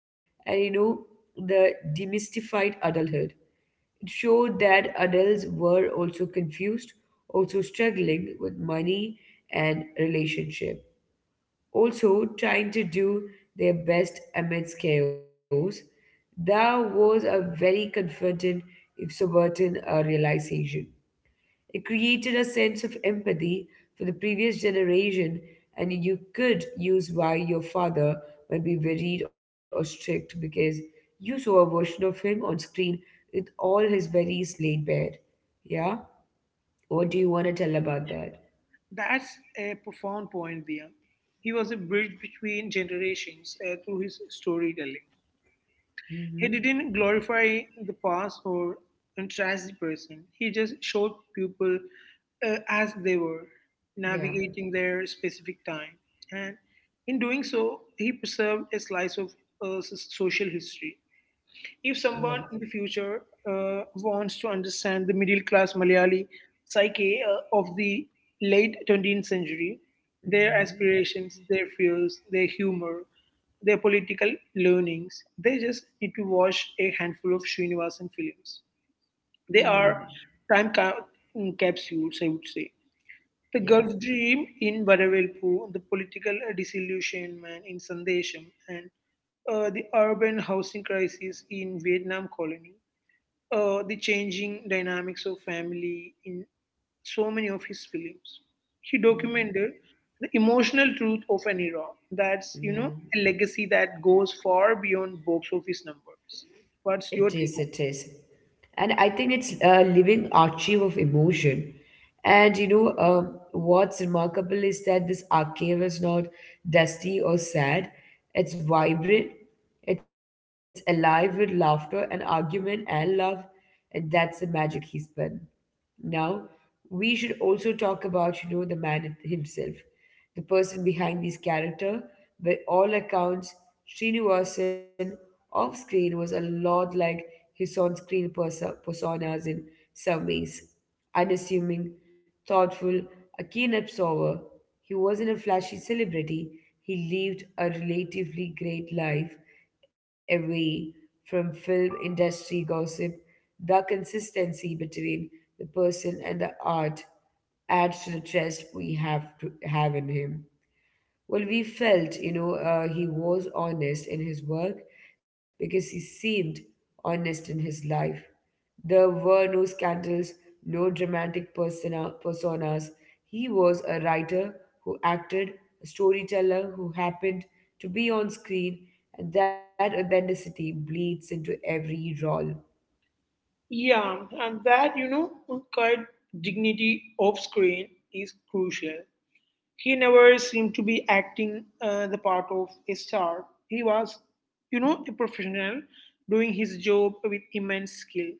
[SPEAKER 1] and the demystified adulthood showed that adults were also confused, also struggling with money and relationship, also trying to do their best amidst chaos. That was a very confronting, if sobering, realization. It created a sense of empathy for the previous generation, and you could use why your father might be worried or strict because you saw a version of him on screen with all his worries laid bare. Yeah? What do you want to tell about that?
[SPEAKER 2] That's a profound point, there. He was a bridge between generations through his storytelling.
[SPEAKER 1] Mm-hmm.
[SPEAKER 2] He didn't glorify the past or trash the person. He just showed people as they were,
[SPEAKER 1] Yeah.
[SPEAKER 2] navigating their specific time. And in doing so, he preserved a slice of social history. If
[SPEAKER 1] Yeah.
[SPEAKER 2] someone in the future wants to understand the middle class Malayali psyche of the late 20th century, their
[SPEAKER 1] Mm-hmm.
[SPEAKER 2] aspirations, their fears, their humor, their political learnings, they just need to watch a handful of Srinivasan films. They
[SPEAKER 1] Mm.
[SPEAKER 2] are time capsules, I would say. The
[SPEAKER 1] Yeah.
[SPEAKER 2] Gulf Dream in Vadavelpu, the political disillusionment in Sandesham, and the urban housing crisis in Vietnam colony, the changing dynamics of family in so many of his films. He
[SPEAKER 1] Mm-hmm.
[SPEAKER 2] documented the emotional truth of an era. That's, you
[SPEAKER 1] Yeah.
[SPEAKER 2] know, a legacy that goes far beyond box office numbers.
[SPEAKER 1] It
[SPEAKER 2] What's your
[SPEAKER 1] it
[SPEAKER 2] take on
[SPEAKER 1] is.
[SPEAKER 2] it?
[SPEAKER 1] And I think it's a living archive of emotion. And what's remarkable is that this archive is not dusty or sad. It's vibrant, it's alive with laughter and argument and love. And that's the magic he spun. Now, we should also talk about, the man himself, the person behind this character. By all accounts, Srinivasan off screen was a lot like his on screen personas in some ways. Unassuming, thoughtful, a keen observer, he wasn't a flashy celebrity. He lived a relatively great life away from film industry gossip. The consistency between the person and the art adds to the trust we have to have in him. Well, we felt, he was honest in his work because he seemed honest in his life. There were no scandals, no dramatic personas. He was a writer who acted, a storyteller who happened to be on screen, and that authenticity bleeds into every role.
[SPEAKER 2] Yeah, and that, you know, cut dignity off screen is crucial. He never seemed to be acting the part of a star. He was, you know, a professional doing his job with immense skill.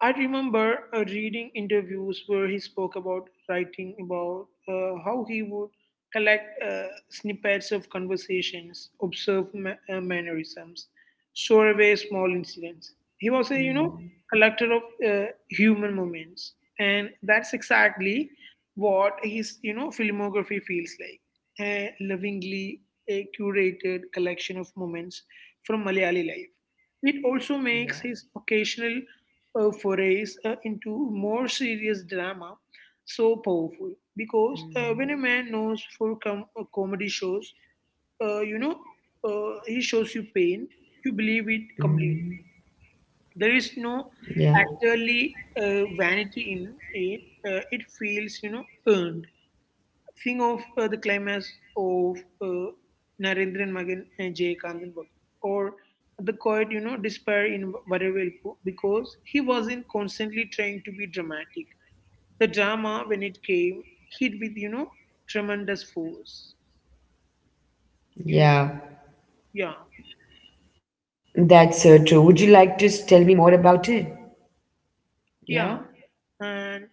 [SPEAKER 2] I remember reading interviews where he spoke about writing, about how he would collect snippets of conversations, observe mannerisms, store away small incidents. He was a
[SPEAKER 1] Hmm.
[SPEAKER 2] collector of human moments, and that's exactly what his you know filmography feels like. A lovingly curated collection of moments from Malayali life. It also makes
[SPEAKER 1] Yeah.
[SPEAKER 2] his occasional forays into more serious drama so powerful, because when a man
[SPEAKER 1] Hmm.
[SPEAKER 2] knows for comedy shows, uh, you know, he shows you pain, you believe it completely.
[SPEAKER 1] Hmm.
[SPEAKER 2] There is no
[SPEAKER 1] Yeah.
[SPEAKER 2] actually vanity in it. It feels, you know, earned. Think of the climax of Narendran Magan and Jay Kandenberg, or the quiet, you know, despair in Varavelpu, because he wasn't constantly trying to be dramatic. The drama, when it came, hit with, you know, tremendous force. You,
[SPEAKER 1] Yeah.
[SPEAKER 2] yeah,
[SPEAKER 1] That's true. Would you like to tell me more about it?
[SPEAKER 2] yeah.
[SPEAKER 1] Yeah?
[SPEAKER 2] And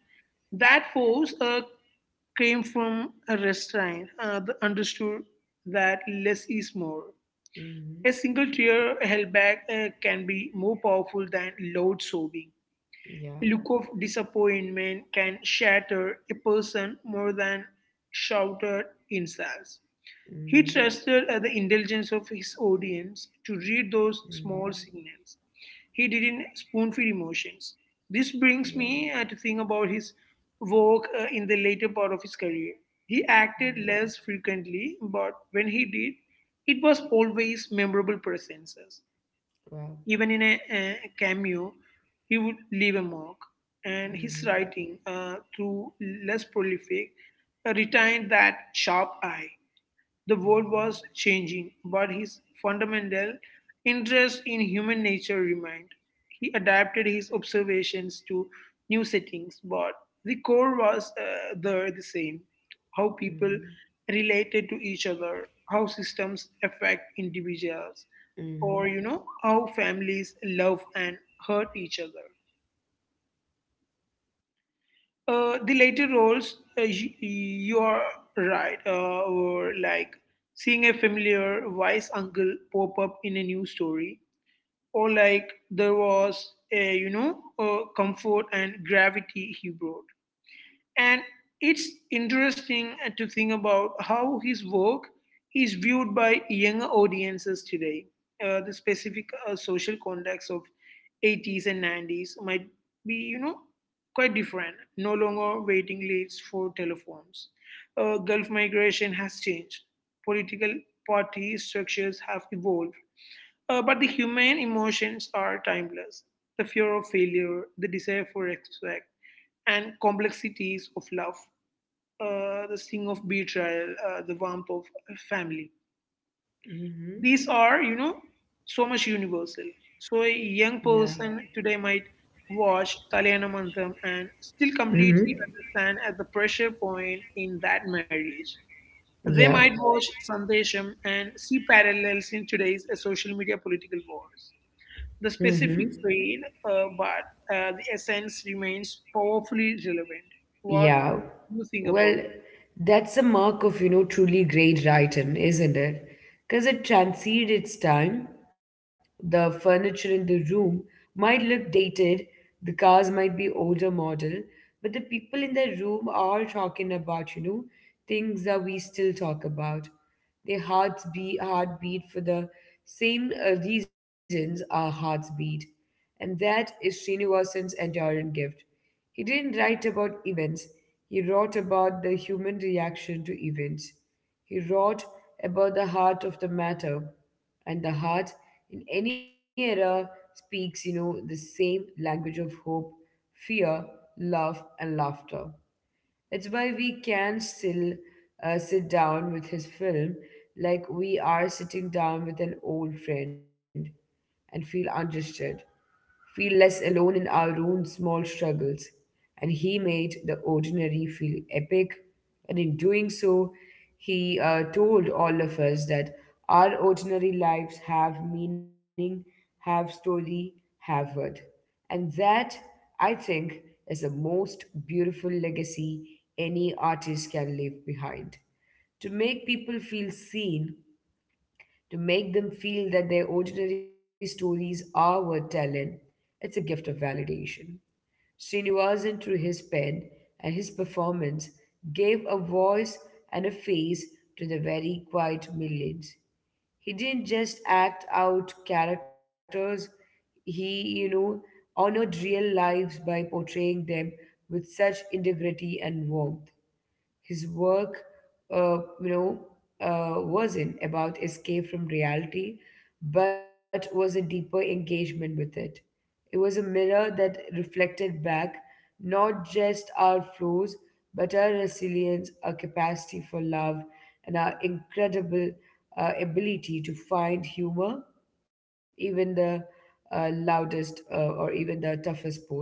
[SPEAKER 2] that force came from a restraint that understood that less is more. A single
[SPEAKER 1] Mm-hmm.
[SPEAKER 2] tear held back can be more powerful than loud sobbing. A look of
[SPEAKER 1] Yeah.
[SPEAKER 2] disappointment can shatter a person more than shouted insults. He trusted
[SPEAKER 1] Mm-hmm.
[SPEAKER 2] the intelligence of his audience to read those small
[SPEAKER 1] Mm-hmm.
[SPEAKER 2] signals. He didn't spoon feed emotions. This brings me
[SPEAKER 1] Yeah.
[SPEAKER 2] to think about his work in the later part of his career. He acted less
[SPEAKER 1] Mm-hmm.
[SPEAKER 2] frequently, but when he did, it was always memorable presences.
[SPEAKER 1] Well.
[SPEAKER 2] Even in a cameo, he would leave a mark, and his
[SPEAKER 1] Mm-hmm.
[SPEAKER 2] writing, through less prolific, retained that sharp eye. The world was
[SPEAKER 1] Mm-hmm.
[SPEAKER 2] changing, but his fundamental interest in human nature remained. He adapted his observations to new settings, but the core was there the same, how people
[SPEAKER 1] Mm-hmm.
[SPEAKER 2] related to each other, how systems affect individuals, or
[SPEAKER 1] Mm-hmm.
[SPEAKER 2] how families love and hurt each other. The later roles, you are right, or like seeing a familiar wise uncle pop up in a new story, or like there was a comfort and gravity he brought. And it's interesting to think about how his work is viewed by younger audiences today. The specific social context of 80s and 90s might be, quite different. No longer waiting lists for telephones. Gulf migration has changed. Political party structures have evolved. But the human emotions are timeless. The fear of failure, the desire for respect, and complexities of love, the sting of betrayal, the warmth of family. These
[SPEAKER 1] Mm-hmm.
[SPEAKER 2] are, so much universal. So a young
[SPEAKER 1] Yeah.
[SPEAKER 2] person today might watch Kalyana Mantham and still completely
[SPEAKER 1] Mm-hmm.
[SPEAKER 2] understand at the pressure point in that marriage. They might
[SPEAKER 1] Yeah.
[SPEAKER 2] watch Sandesham and see parallels in today's social media political wars, the specific
[SPEAKER 1] Mm-hmm.
[SPEAKER 2] fade, but the essence remains powerfully relevant. What
[SPEAKER 1] Yeah.
[SPEAKER 2] do you think
[SPEAKER 1] Well,
[SPEAKER 2] about
[SPEAKER 1] that's a mark of, truly great writing, isn't it? Because it transcended its time. The furniture in the room might look dated, the cars might be older model, but the people in the room are talking about, things that we still talk about. Their hearts beat, heartbeat for the same reasons our hearts beat, and that is Srinivasan's enduring gift. He didn't write about events, he wrote about the human reaction to events. He wrote about the heart of the matter, and the heart in any era speaks, the same language of hope, fear, love, and laughter. It's why we can still sit down with his film like we are sitting down with an old friend and feel understood, feel less alone in our own small struggles. And he made the ordinary feel epic. And in doing so, he told all of us that our ordinary lives have meaning, have story, have worth. And that, I think, is the most beautiful legacy any artist can leave behind. To make people feel seen, to make them feel that their ordinary stories are worth telling, it's a gift of validation. Srinivasan, through his pen and his performance, gave a voice and a face to the very quiet millions. He didn't just act out characters, he, you know, honored real lives by portraying them with such integrity and warmth. His work, uh, you know, wasn't about escape from reality, but was a deeper engagement with it. It was a mirror that reflected back not just our flaws, but our resilience, our capacity for love, and our incredible ability to find humor, even the loudest or even the toughest port.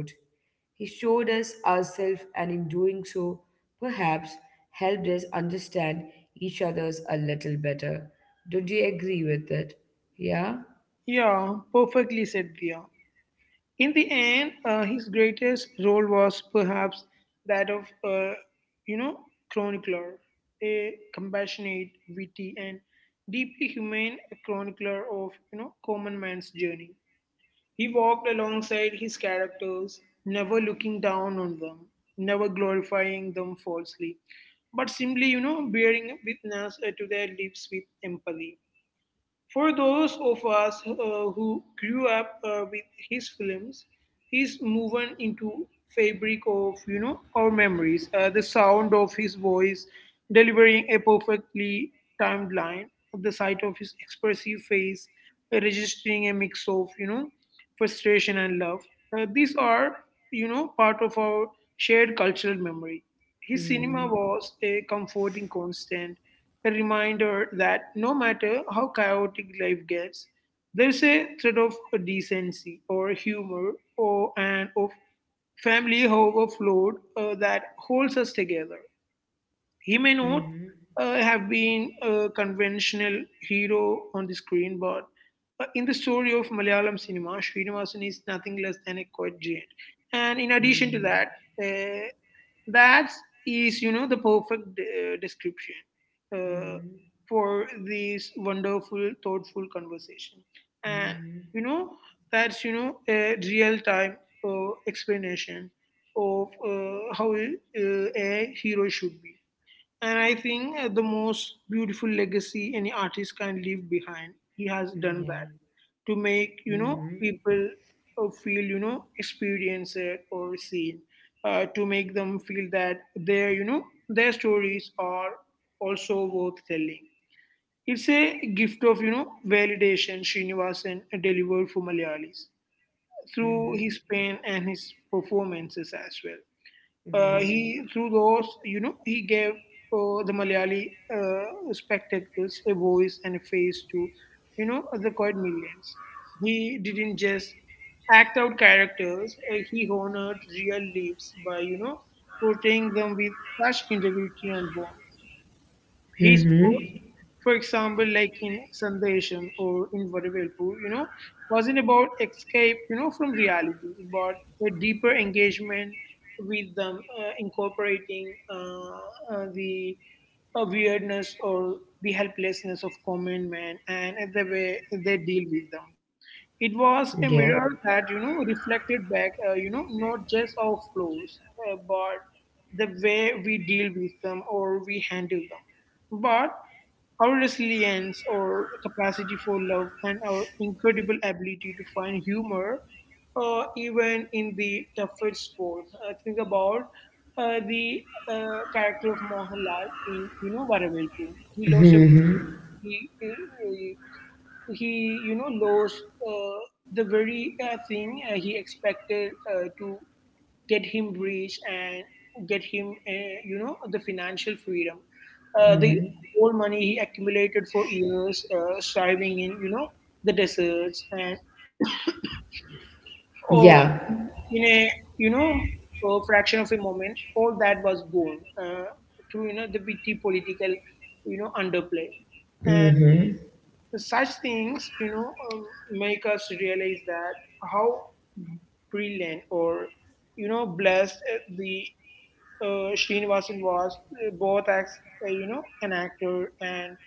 [SPEAKER 1] He showed us ourselves, and in doing so, perhaps helped us understand each other's a little better. Don't you agree with it? Yeah?
[SPEAKER 2] it? Yeah, perfectly said, Via. In the end, his greatest role was perhaps that of, uh, you know, chronicler, a compassionate, witty, and deeply humane chronicler of, common man's journey. He walked alongside his characters, never looking down on them, never glorifying them falsely, but simply, bearing witness to their lives with empathy. For those of us who grew up with his films, he's woven into fabric of our memories. The sound of his voice delivering a perfectly timed line, the sight of his expressive face registering a mix of frustration and love. These are part of our shared cultural memory. His cinema
[SPEAKER 1] Mm-hmm.
[SPEAKER 2] was a comforting constant, a reminder that no matter how chaotic life gets, there's a thread of decency or humor or and of family, however flawed, that holds us together. He may not
[SPEAKER 1] Mm-hmm.
[SPEAKER 2] have been a conventional hero on the screen, but in the story of Malayalam cinema, Srinivasan is nothing less than a quiet giant. And in addition to
[SPEAKER 1] Mhm.
[SPEAKER 2] that, uh, that is, the perfect description uh,
[SPEAKER 1] Mhm.
[SPEAKER 2] for this wonderful, thoughtful conversation. And,
[SPEAKER 1] Mhm.
[SPEAKER 2] you know, that's, a real time explanation of how a hero should be. And I think the most beautiful legacy any artist can leave behind, he has done that
[SPEAKER 1] Yeah.
[SPEAKER 2] to make
[SPEAKER 1] Mhm.
[SPEAKER 2] people feel experienced or seen to make them feel that their their stories are also worth telling. It's a gift of validation. Srinivasan delivered for Malayalis
[SPEAKER 1] Mhm.
[SPEAKER 2] through his pen and his performances as well.
[SPEAKER 1] Yeah.
[SPEAKER 2] He through those, he gave the Malayali spectacles a voice and a face to, the quiet millions. He didn't just act out characters; he honored real lives by, portraying them with such integrity and warmth. His,
[SPEAKER 1] Mhm.
[SPEAKER 2] for example, like in Sandesham or in Vadavelpu, wasn't about escape, from reality, but a deeper engagement with them, incorporating the weirdness or the helplessness of common man and the way they deal with them. It
[SPEAKER 1] Yeah.
[SPEAKER 2] was a mirror that reflected back, not just our flaws, but the way we deal with them or we handle them, but our resilience or capacity for love and our incredible ability to find humor, even in the toughest sport. Think about the character of Mohanlal in Varavelpu.
[SPEAKER 1] Mhm.
[SPEAKER 2] He, he lost uh, the very thing he expected to get him rich and get him the financial freedom, the
[SPEAKER 1] Mhm.
[SPEAKER 2] whole money he accumulated for years striving in the deserts and
[SPEAKER 1] Yeah.
[SPEAKER 2] or in a you know a fraction of a moment all that was gone, through the witty political underplay.
[SPEAKER 1] Mhm.
[SPEAKER 2] Such things, make us realize that how brilliant or blessed the Srinivasan was, both as an actor and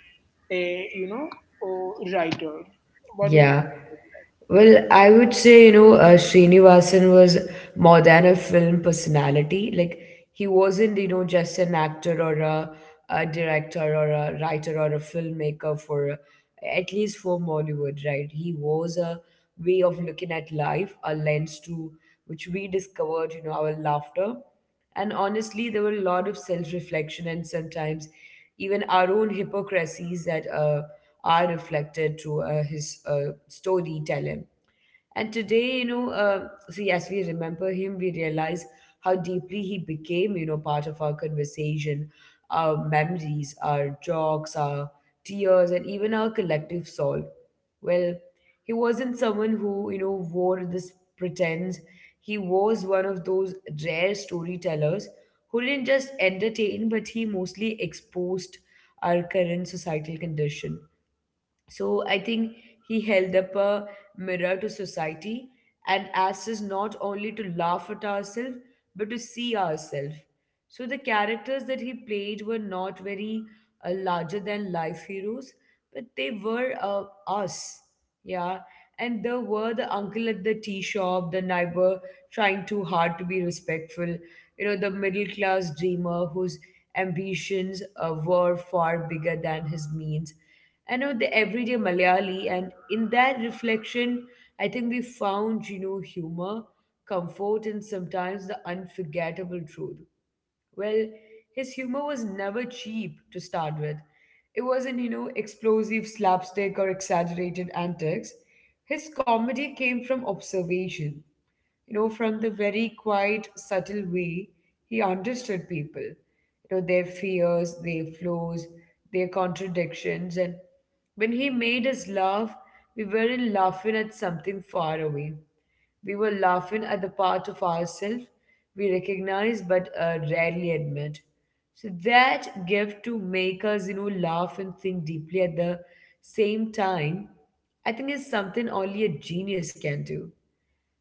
[SPEAKER 2] a a writer. What do you?
[SPEAKER 1] Yeah. Well, I would say, you know, Srinivasan was more than a film personality. Like, he wasn't, you know, just an actor or a director or a writer or a filmmaker for, at least for Bollywood, right? He was a way of looking at life, a lens to which we discovered, you know, our laughter. And honestly, there were a lot of self reflection and sometimes even our own hypocrisies that are reflected through his storytelling. And today, you know, see, as we remember him, we realize how deeply he became, you know, part of our conversation, our memories, our jokes, our tears, and even our collective soul. Well, he wasn't someone who, you know, wore this pretense. He was one of those rare storytellers who didn't just entertain, but he mostly exposed our current societal condition. So I think he held up a mirror to society and asked us not only to laugh at ourselves, but to see ourselves. So the characters that he played were not very larger than life heroes, but they were us. Yeah. And there were the uncle at the tea shop, the neighbor trying too hard to be respectful. You know, the middle class dreamer whose ambitions were far bigger than his means. I know the everyday Malayali, and in that reflection, I think we found, you know, humor, comfort, and sometimes the unforgettable truth. Well, his humor was never cheap to start with. It wasn't, you know, explosive slapstick or exaggerated antics. His comedy came from observation, you know, from the very quiet, subtle way he understood people, you know, their fears, their flaws, their contradictions. And when he made us laugh, we weren't laughing at something far away. We were laughing at the part of ourselves we recognize but rarely admit. So that gift to make us, you know, laugh and think deeply at the same time, I think is something only a genius can do.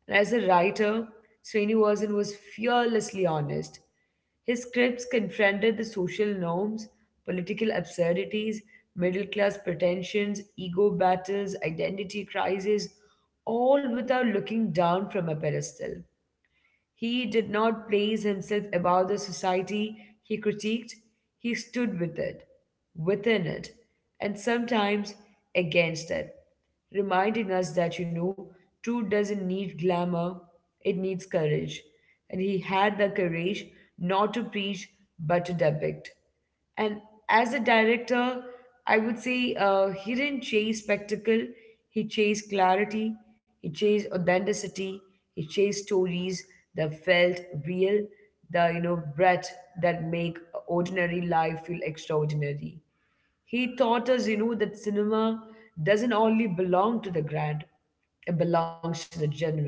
[SPEAKER 1] And as a writer, Srinivasan was fearlessly honest. His scripts confronted the social norms, political absurdities, middle class pretensions, ego battles, identity crises, all without looking down from a pedestal. He did not place himself above the society he critiqued, he stood with it, within it, and sometimes against it, reminding us that, you know, truth doesn't need glamour, it needs courage. And he had the courage not to preach but to depict. And as a director, I would say he didn't chase spectacle, he chased clarity, he chased authenticity, he chased stories that felt real, the, you know, breath that make ordinary life feel extraordinary. He taught us, you know, that cinema doesn't only belong to the grand, it belongs to the genuine.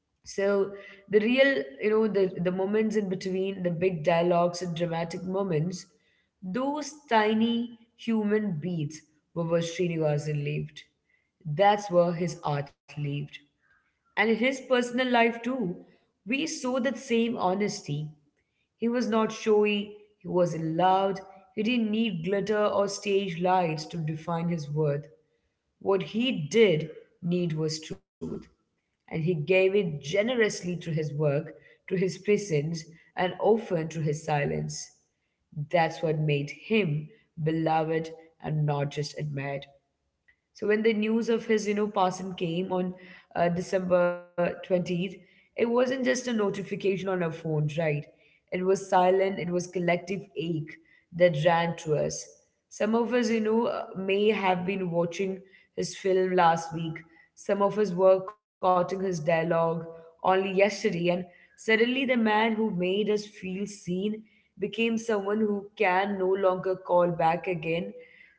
[SPEAKER 1] So the real, you know, the moments in between, the big dialogues and dramatic moments, those tiny human beats were where Srinivasan lived. That's where his art lived. And in his personal life too, we saw that same honesty. He was not showy, he wasn't loud, he didn't need glitter or stage lights to define his worth. What he did need was truth, and he gave it generously to his work, to his presence, and often to his silence. That's what made him beloved and not just admired. So when the news of his, you know, passing came on December 20th, it wasn't just a notification on our phones, right? It was silent, it was collective ache that ran through us. Some of us, you know, may have been watching his film last week. Some of us were quoting his dialogue only yesterday, and suddenly the man who made us feel seen became someone who can no longer call back again.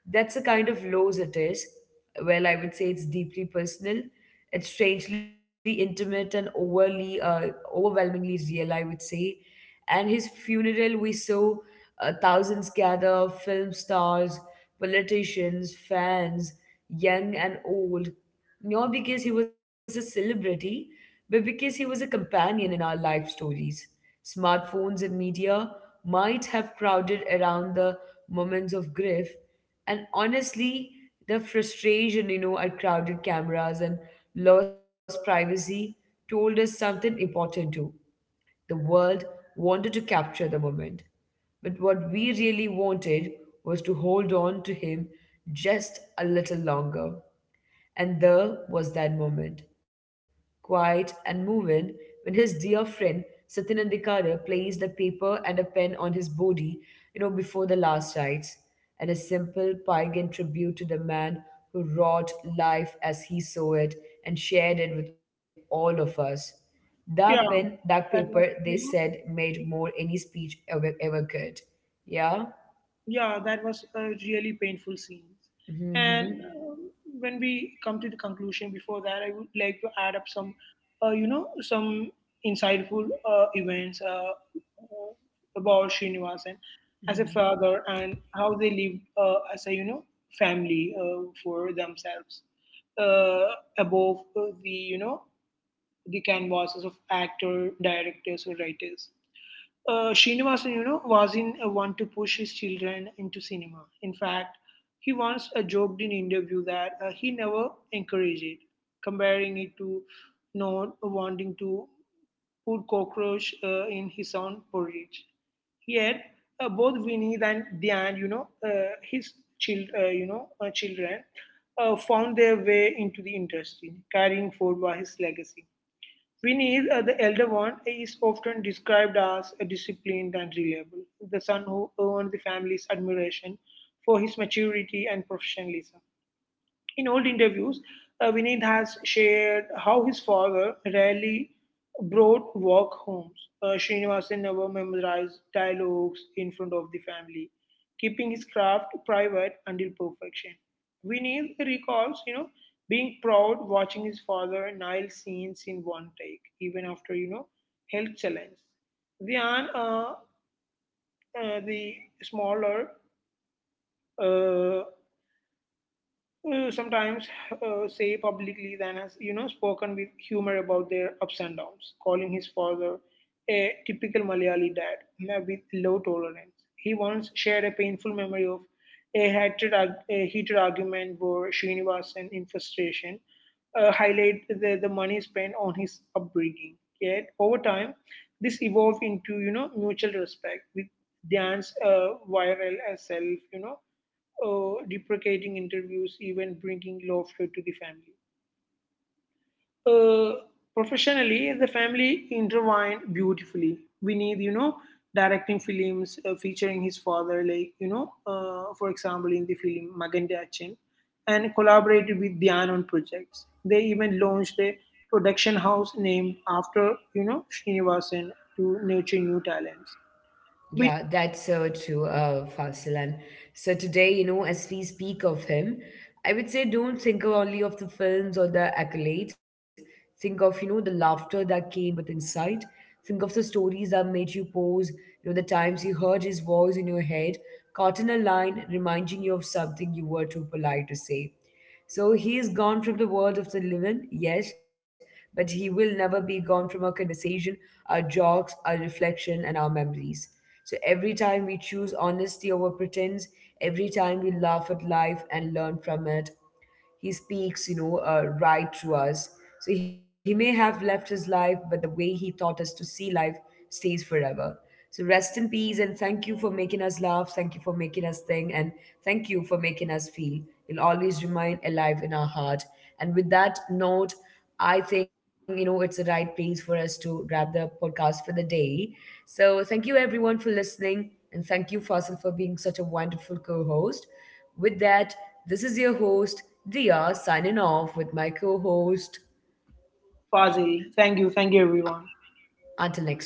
[SPEAKER 1] That's the kind of lows it is. Well, I would say it's deeply personal. It's strangely intimate and overwhelmingly real, I would say. And his funeral, we saw thousands gather, film stars, politicians, fans, young and old, not because he was a celebrity, but because he was a companion in our life stories. Smartphones and media might have crowded around the moments of grief, and honestly, the frustration, you know, at crowded cameras and lost privacy, told us something important too. The world wanted to capture the moment, but what we really wanted was to hold on to him just a little longer. And there was that moment, quiet and moving, when his dear friend Satyanandikara placed a paper and a pen on his body, you know, before the last rites, and a simple pagan tribute to the man who wrought life as he saw it and shared it with all of us. That
[SPEAKER 2] Yeah,
[SPEAKER 1] pen, that
[SPEAKER 2] that
[SPEAKER 1] paper,
[SPEAKER 2] was
[SPEAKER 1] they said, made more any speech ever, ever could. Yeah?
[SPEAKER 2] yeah, that was a really painful scene. And
[SPEAKER 1] Hmm.
[SPEAKER 2] when we come to the conclusion before that, I would like to add up some, some insightful events about Srinivasan as a
[SPEAKER 1] Hmm.
[SPEAKER 2] father and how they lived as a, family for themselves uh, above the, the canvases of actor, directors, or writers. Srinivasan, wasn't one to push his children into cinema. In fact, he once joked in interview that he never encouraged it, comparing it to not wanting to put cockroach in his own porridge. Yet, both Vinny and Diane, his child, children, found their way into the industry, carrying forward his legacy. Vinny, the elder one, is often described as a disciplined and reliable, the son who earned the family's admiration for his maturity and professionalism. In old interviews, Vinith has shared how his father rarely brought work home. Srinivasan never memorized dialogues in front of the family, keeping his craft private until perfection. Vinith recalls, being proud watching his father nail scenes in one take, even after, health challenge. Dhyan, the smaller, uh, sometimes say publicly than has spoken with humor about their ups and downs, calling his father a typical Malayali dad with low tolerance. He once shared a painful memory of a a heated argument where Srinivasan in frustration highlight the money spent on his upbringing. Yet over time this evolved into mutual respect, with dance viral as self, deprecating interviews, even bringing laughter to the family. Uh, Professionally, the family intertwined beautifully. We need, directing films featuring his father, like, for example, in the film Maganda Achin, and collaborated with Dhyan on projects. They even launched a production house named after, Srinivasan to nurture new talents.
[SPEAKER 1] Yeah,
[SPEAKER 2] We need
[SPEAKER 1] that's so true, Fasil. And so today, you know, as we speak of him, I would say don't think only of the films or the accolades. Think of, you know, the laughter that came with insight. Think of the stories that made you pause, you know, the times you heard his voice in your head, caught in a line reminding you of something you were too polite to say. So he is gone from the world of the living, yes, but he will never be gone from our conversation, our jokes, our reflection, and our memories. So every time we choose honesty over pretense, every time we laugh at life and learn from it, he speaks, you know, right through us. So he may have left his life, but the way he taught us to see life stays forever. So rest in peace and thank you for making us laugh. Thank you for making us think and thank you for making us feel. He'll always remain alive in our heart. And with that note, I think, you know, it's the right place for us to wrap the podcast for the day. So thank you everyone for listening and thank you, Faisal, for being such a wonderful co-host. With that, this is your host, Dia, signing off with my co host.
[SPEAKER 2] Fazil. Thank you. Thank you, everyone.
[SPEAKER 1] Until next time.